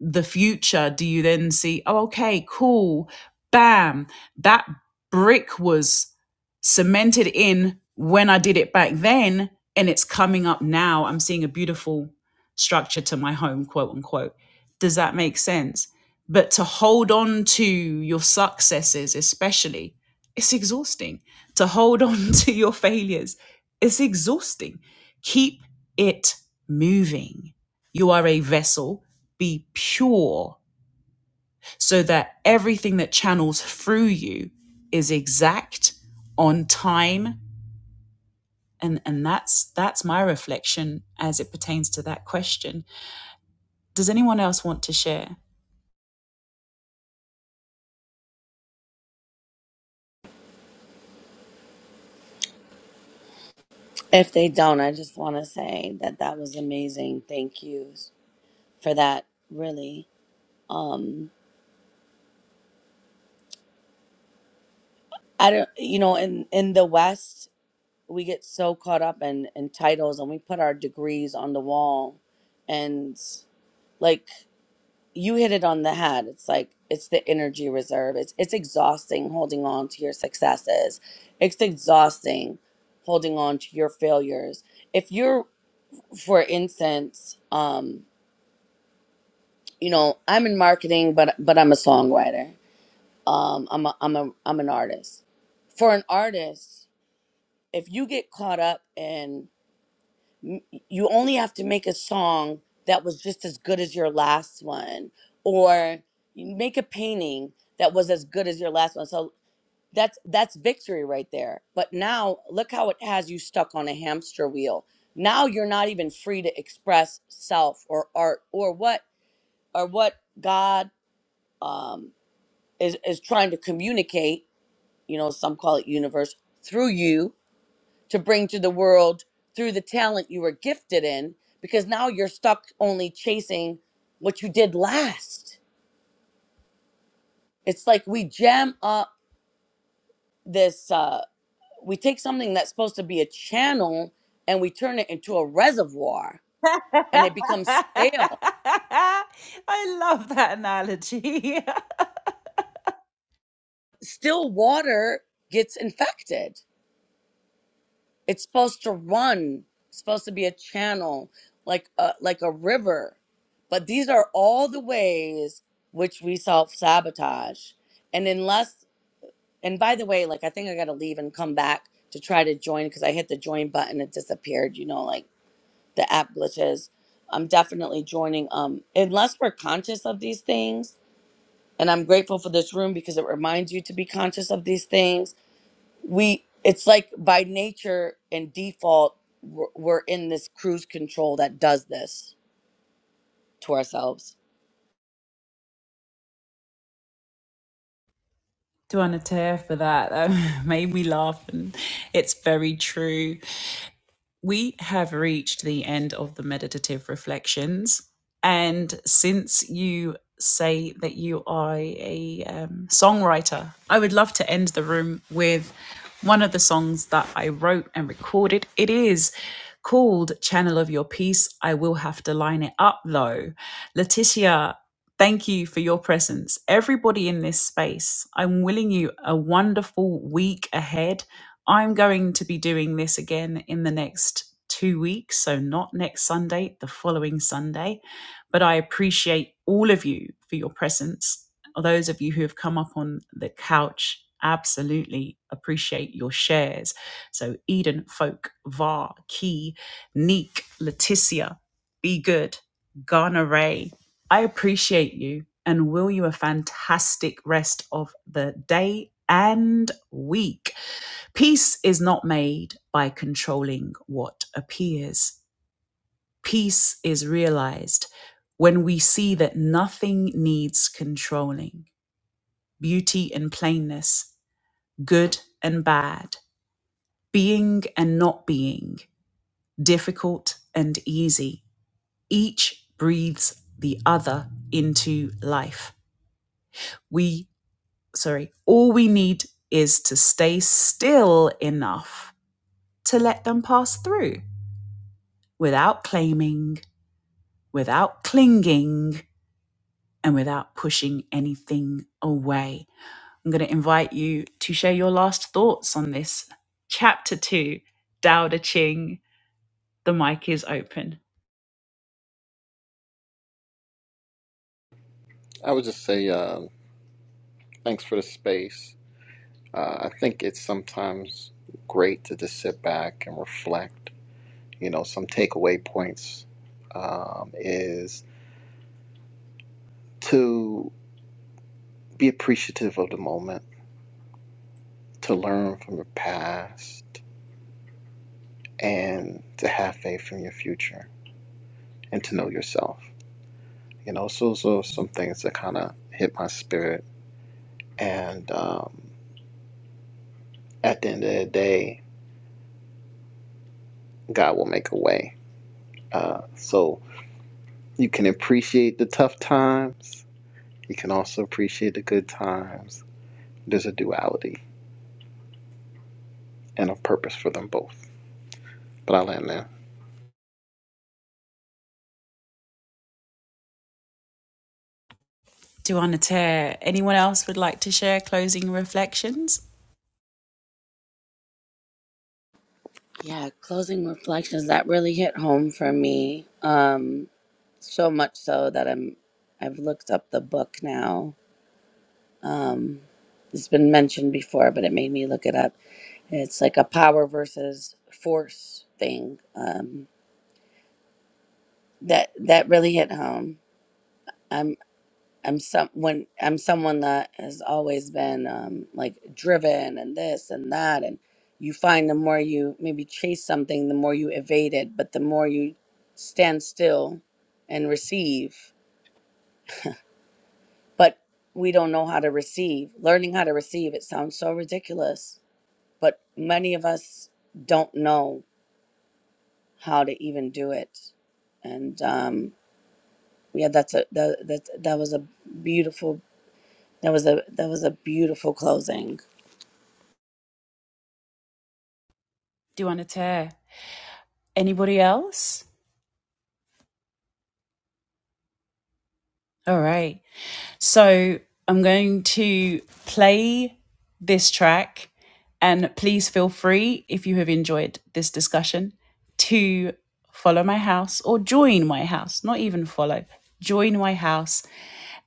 A: the future do you then see oh okay cool bam that brick was cemented in when i did it back then and it's coming up now i'm seeing a beautiful structure to my home quote unquote does that make sense but to hold on to your successes especially it's exhausting to hold on to your failures it's exhausting keep it moving you are a vessel be pure so that everything that channels through you is exact on time and and that's that's my reflection as it pertains to that question does anyone else want to share
J: If they don't, I just want to say that that was amazing. Thank you for that really um i don't you know in in the west we get so caught up in in titles and we put our degrees on the wall and like you hit it on the head it's like it's the energy reserve it's it's exhausting holding on to your successes it's exhausting holding on to your failures if you're for instance um you know i'm in marketing but but i'm a songwriter um i'm a, i'm a i'm an artist for an artist if you get caught up in you only have to make a song that was just as good as your last one or you make a painting that was as good as your last one so that's that's victory right there but now look how it has you stuck on a hamster wheel now you're not even free to express self or art or what or what god um is is trying to communicate you know, some call it universe, through you to bring to the world through the talent you were gifted in, because now you're stuck only chasing what you did last. It's like we jam up this, uh, we take something that's supposed to be a channel and we turn it into a reservoir and it becomes
A: i
J: stale.
A: love that analogy
J: Still water gets infected It's supposed to run. It's supposed to be a channel, like a like a river. But these are all the ways which we self sabotage. And unless and by the way, like I think I gotta leave and come back to try to join because I hit the join button, it disappeared, you know, like the app glitches. I'm definitely joining. Um, unless we're conscious of these things, and I'm grateful for this room because it reminds you to be conscious of these things we it's like by nature and default we're, we're in this cruise control that does this to ourselves
A: to Anatea for that that made me laugh and it's very true We have reached the end of the meditative reflections. And since you say that you are a um, songwriter, I would love to end the room with one of the songs that I wrote and recorded. It is called Channel of Your Peace. I will have to line it up though. Letitia, thank you for your presence. Everybody in this space, I'm willing you a wonderful week ahead. I'm going to be doing this again in the next two weeks. So, not next Sunday, the following Sunday. But I appreciate all of you for your presence. Those of you who have come up on the couch, absolutely appreciate your shares. So, Eden, Folk, Var, Key, Neek, Leticia, Be Good, Ghana Ray. I appreciate you and will you a fantastic rest of the day and week. Peace is not made by controlling what appears. Peace is realized when we see that nothing needs controlling. Beauty and plainness, good and bad, being and not being, difficult and easy. Each breathes the other into life. We, sorry, all we need is to stay still enough to let them pass through without claiming without clinging and without pushing anything away. I'm going to invite you to share your last thoughts on this chapter two, Dao De Ching. The mic is open.
E: I would just say um, thanks for the space. Uh, I think it's sometimes great to just sit back and reflect you know, some takeaway points um, is to be appreciative of the moment, to learn from your past, and to have faith in your future and to know yourself. You know, so those are some things that kind of hit my spirit. And um, at the end of the day, God will make a way. Uh, so you can appreciate the tough times, you can also appreciate the good times. There's a duality and a purpose for them both. But I'll end there.
A: Duanater, anyone else would like to share closing reflections?
J: yeah closing reflections that really hit home for me um so much so that i'm i've looked up the book now um it's been mentioned before but it made me look it up it's like a power versus force thing um that that really hit home I'm some when I'm someone that has always been um, like driven and this and that, and you find the more you maybe chase something, the more you evade it, but the more you stand still and receive. But we don't know how to receive. Learning how to receive it sounds so ridiculous, but many of us don't know how to even do it. And um, yeah, that's a that that that was a beautiful that was a that was a beautiful closing.
A: Duanater, anybody else? All right. So I'm going to play this track, and please feel free if you have enjoyed this discussion to follow my house or join my house, not even follow, join my house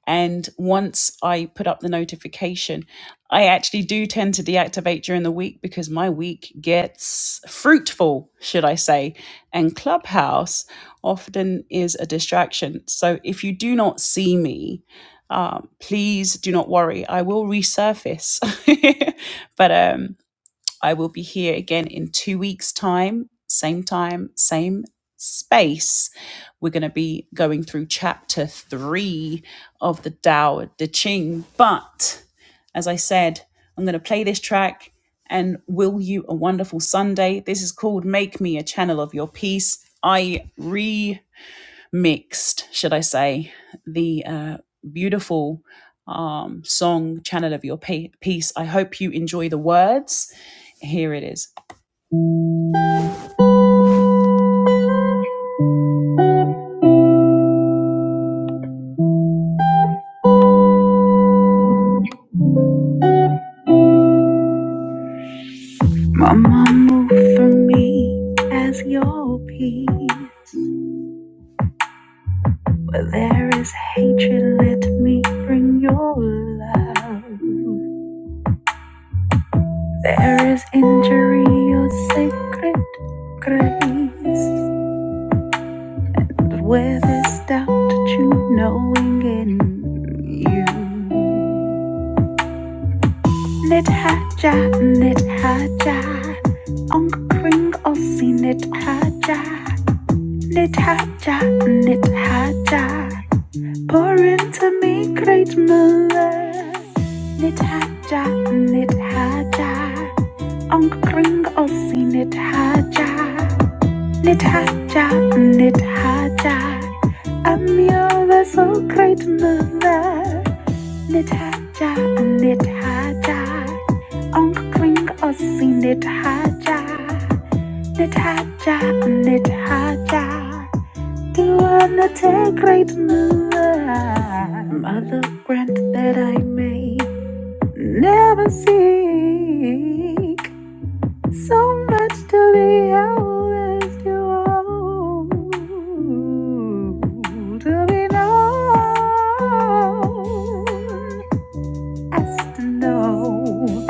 A: and once I put up the notification, I actually do tend to deactivate during the week because my week gets fruitful, should I say. And Clubhouse often is a distraction. So if you do not see me, um, please do not worry. I will resurface. but um, I will be here again in two weeks' time, same time, same space. We're going to be going through chapter three of the Tao Te Ching. But as I said, I'm going to play this track and will you a wonderful Sunday. This is called Make Me a Channel of Your Peace. I re mixed, should I say, the uh, beautiful um, song Channel of Your Pe- Peace. I hope you enjoy the words. Here it is. Mama, move for me as your peace. Where there is hatred, let me bring your love. There is injury, your sacred grace. But where there's doubt, you knowing in you. Nid haja, nid haja, onk pring ossi nid haja, nid haja, nid haja, pour into me great Muller. Nid haja, nid haja, onk pring ossi nid haja, nid haja, nid haja, am your vessel great Muller. Nithaja, Nithaja, Onkel Klink Ossi Nithaja, Nithaja, Nithaja, do wanna take great none. Mother grant that I may never seek so much to be always to own, to be known as to know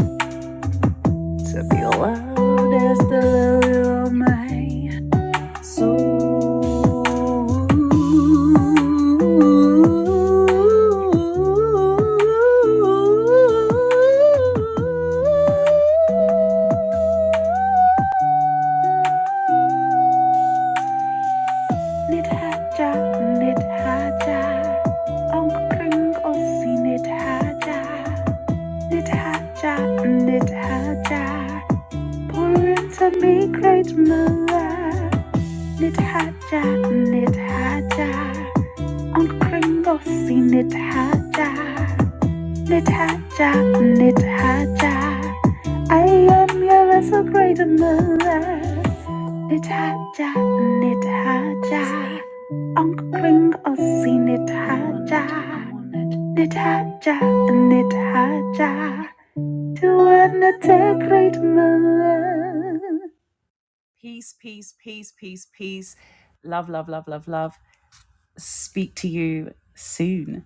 A: to be loud as the lily of my soul. Nidhaja, Nidhaja, Ong Kring Osi Nidhaja, Nidhaja, Nidhaja, pour into me great mother. Knit hatter, knit hatter, omkring oss i knit hatter. Knit hatter, I am your vessel great mother. Knit hatter, knit hatter, omkring oss i knit hatter. Knit hatter, knit hatter, to undertake great mother. Peace, peace, peace, peace, peace. Love, love, love, love, love. Speak to you soon.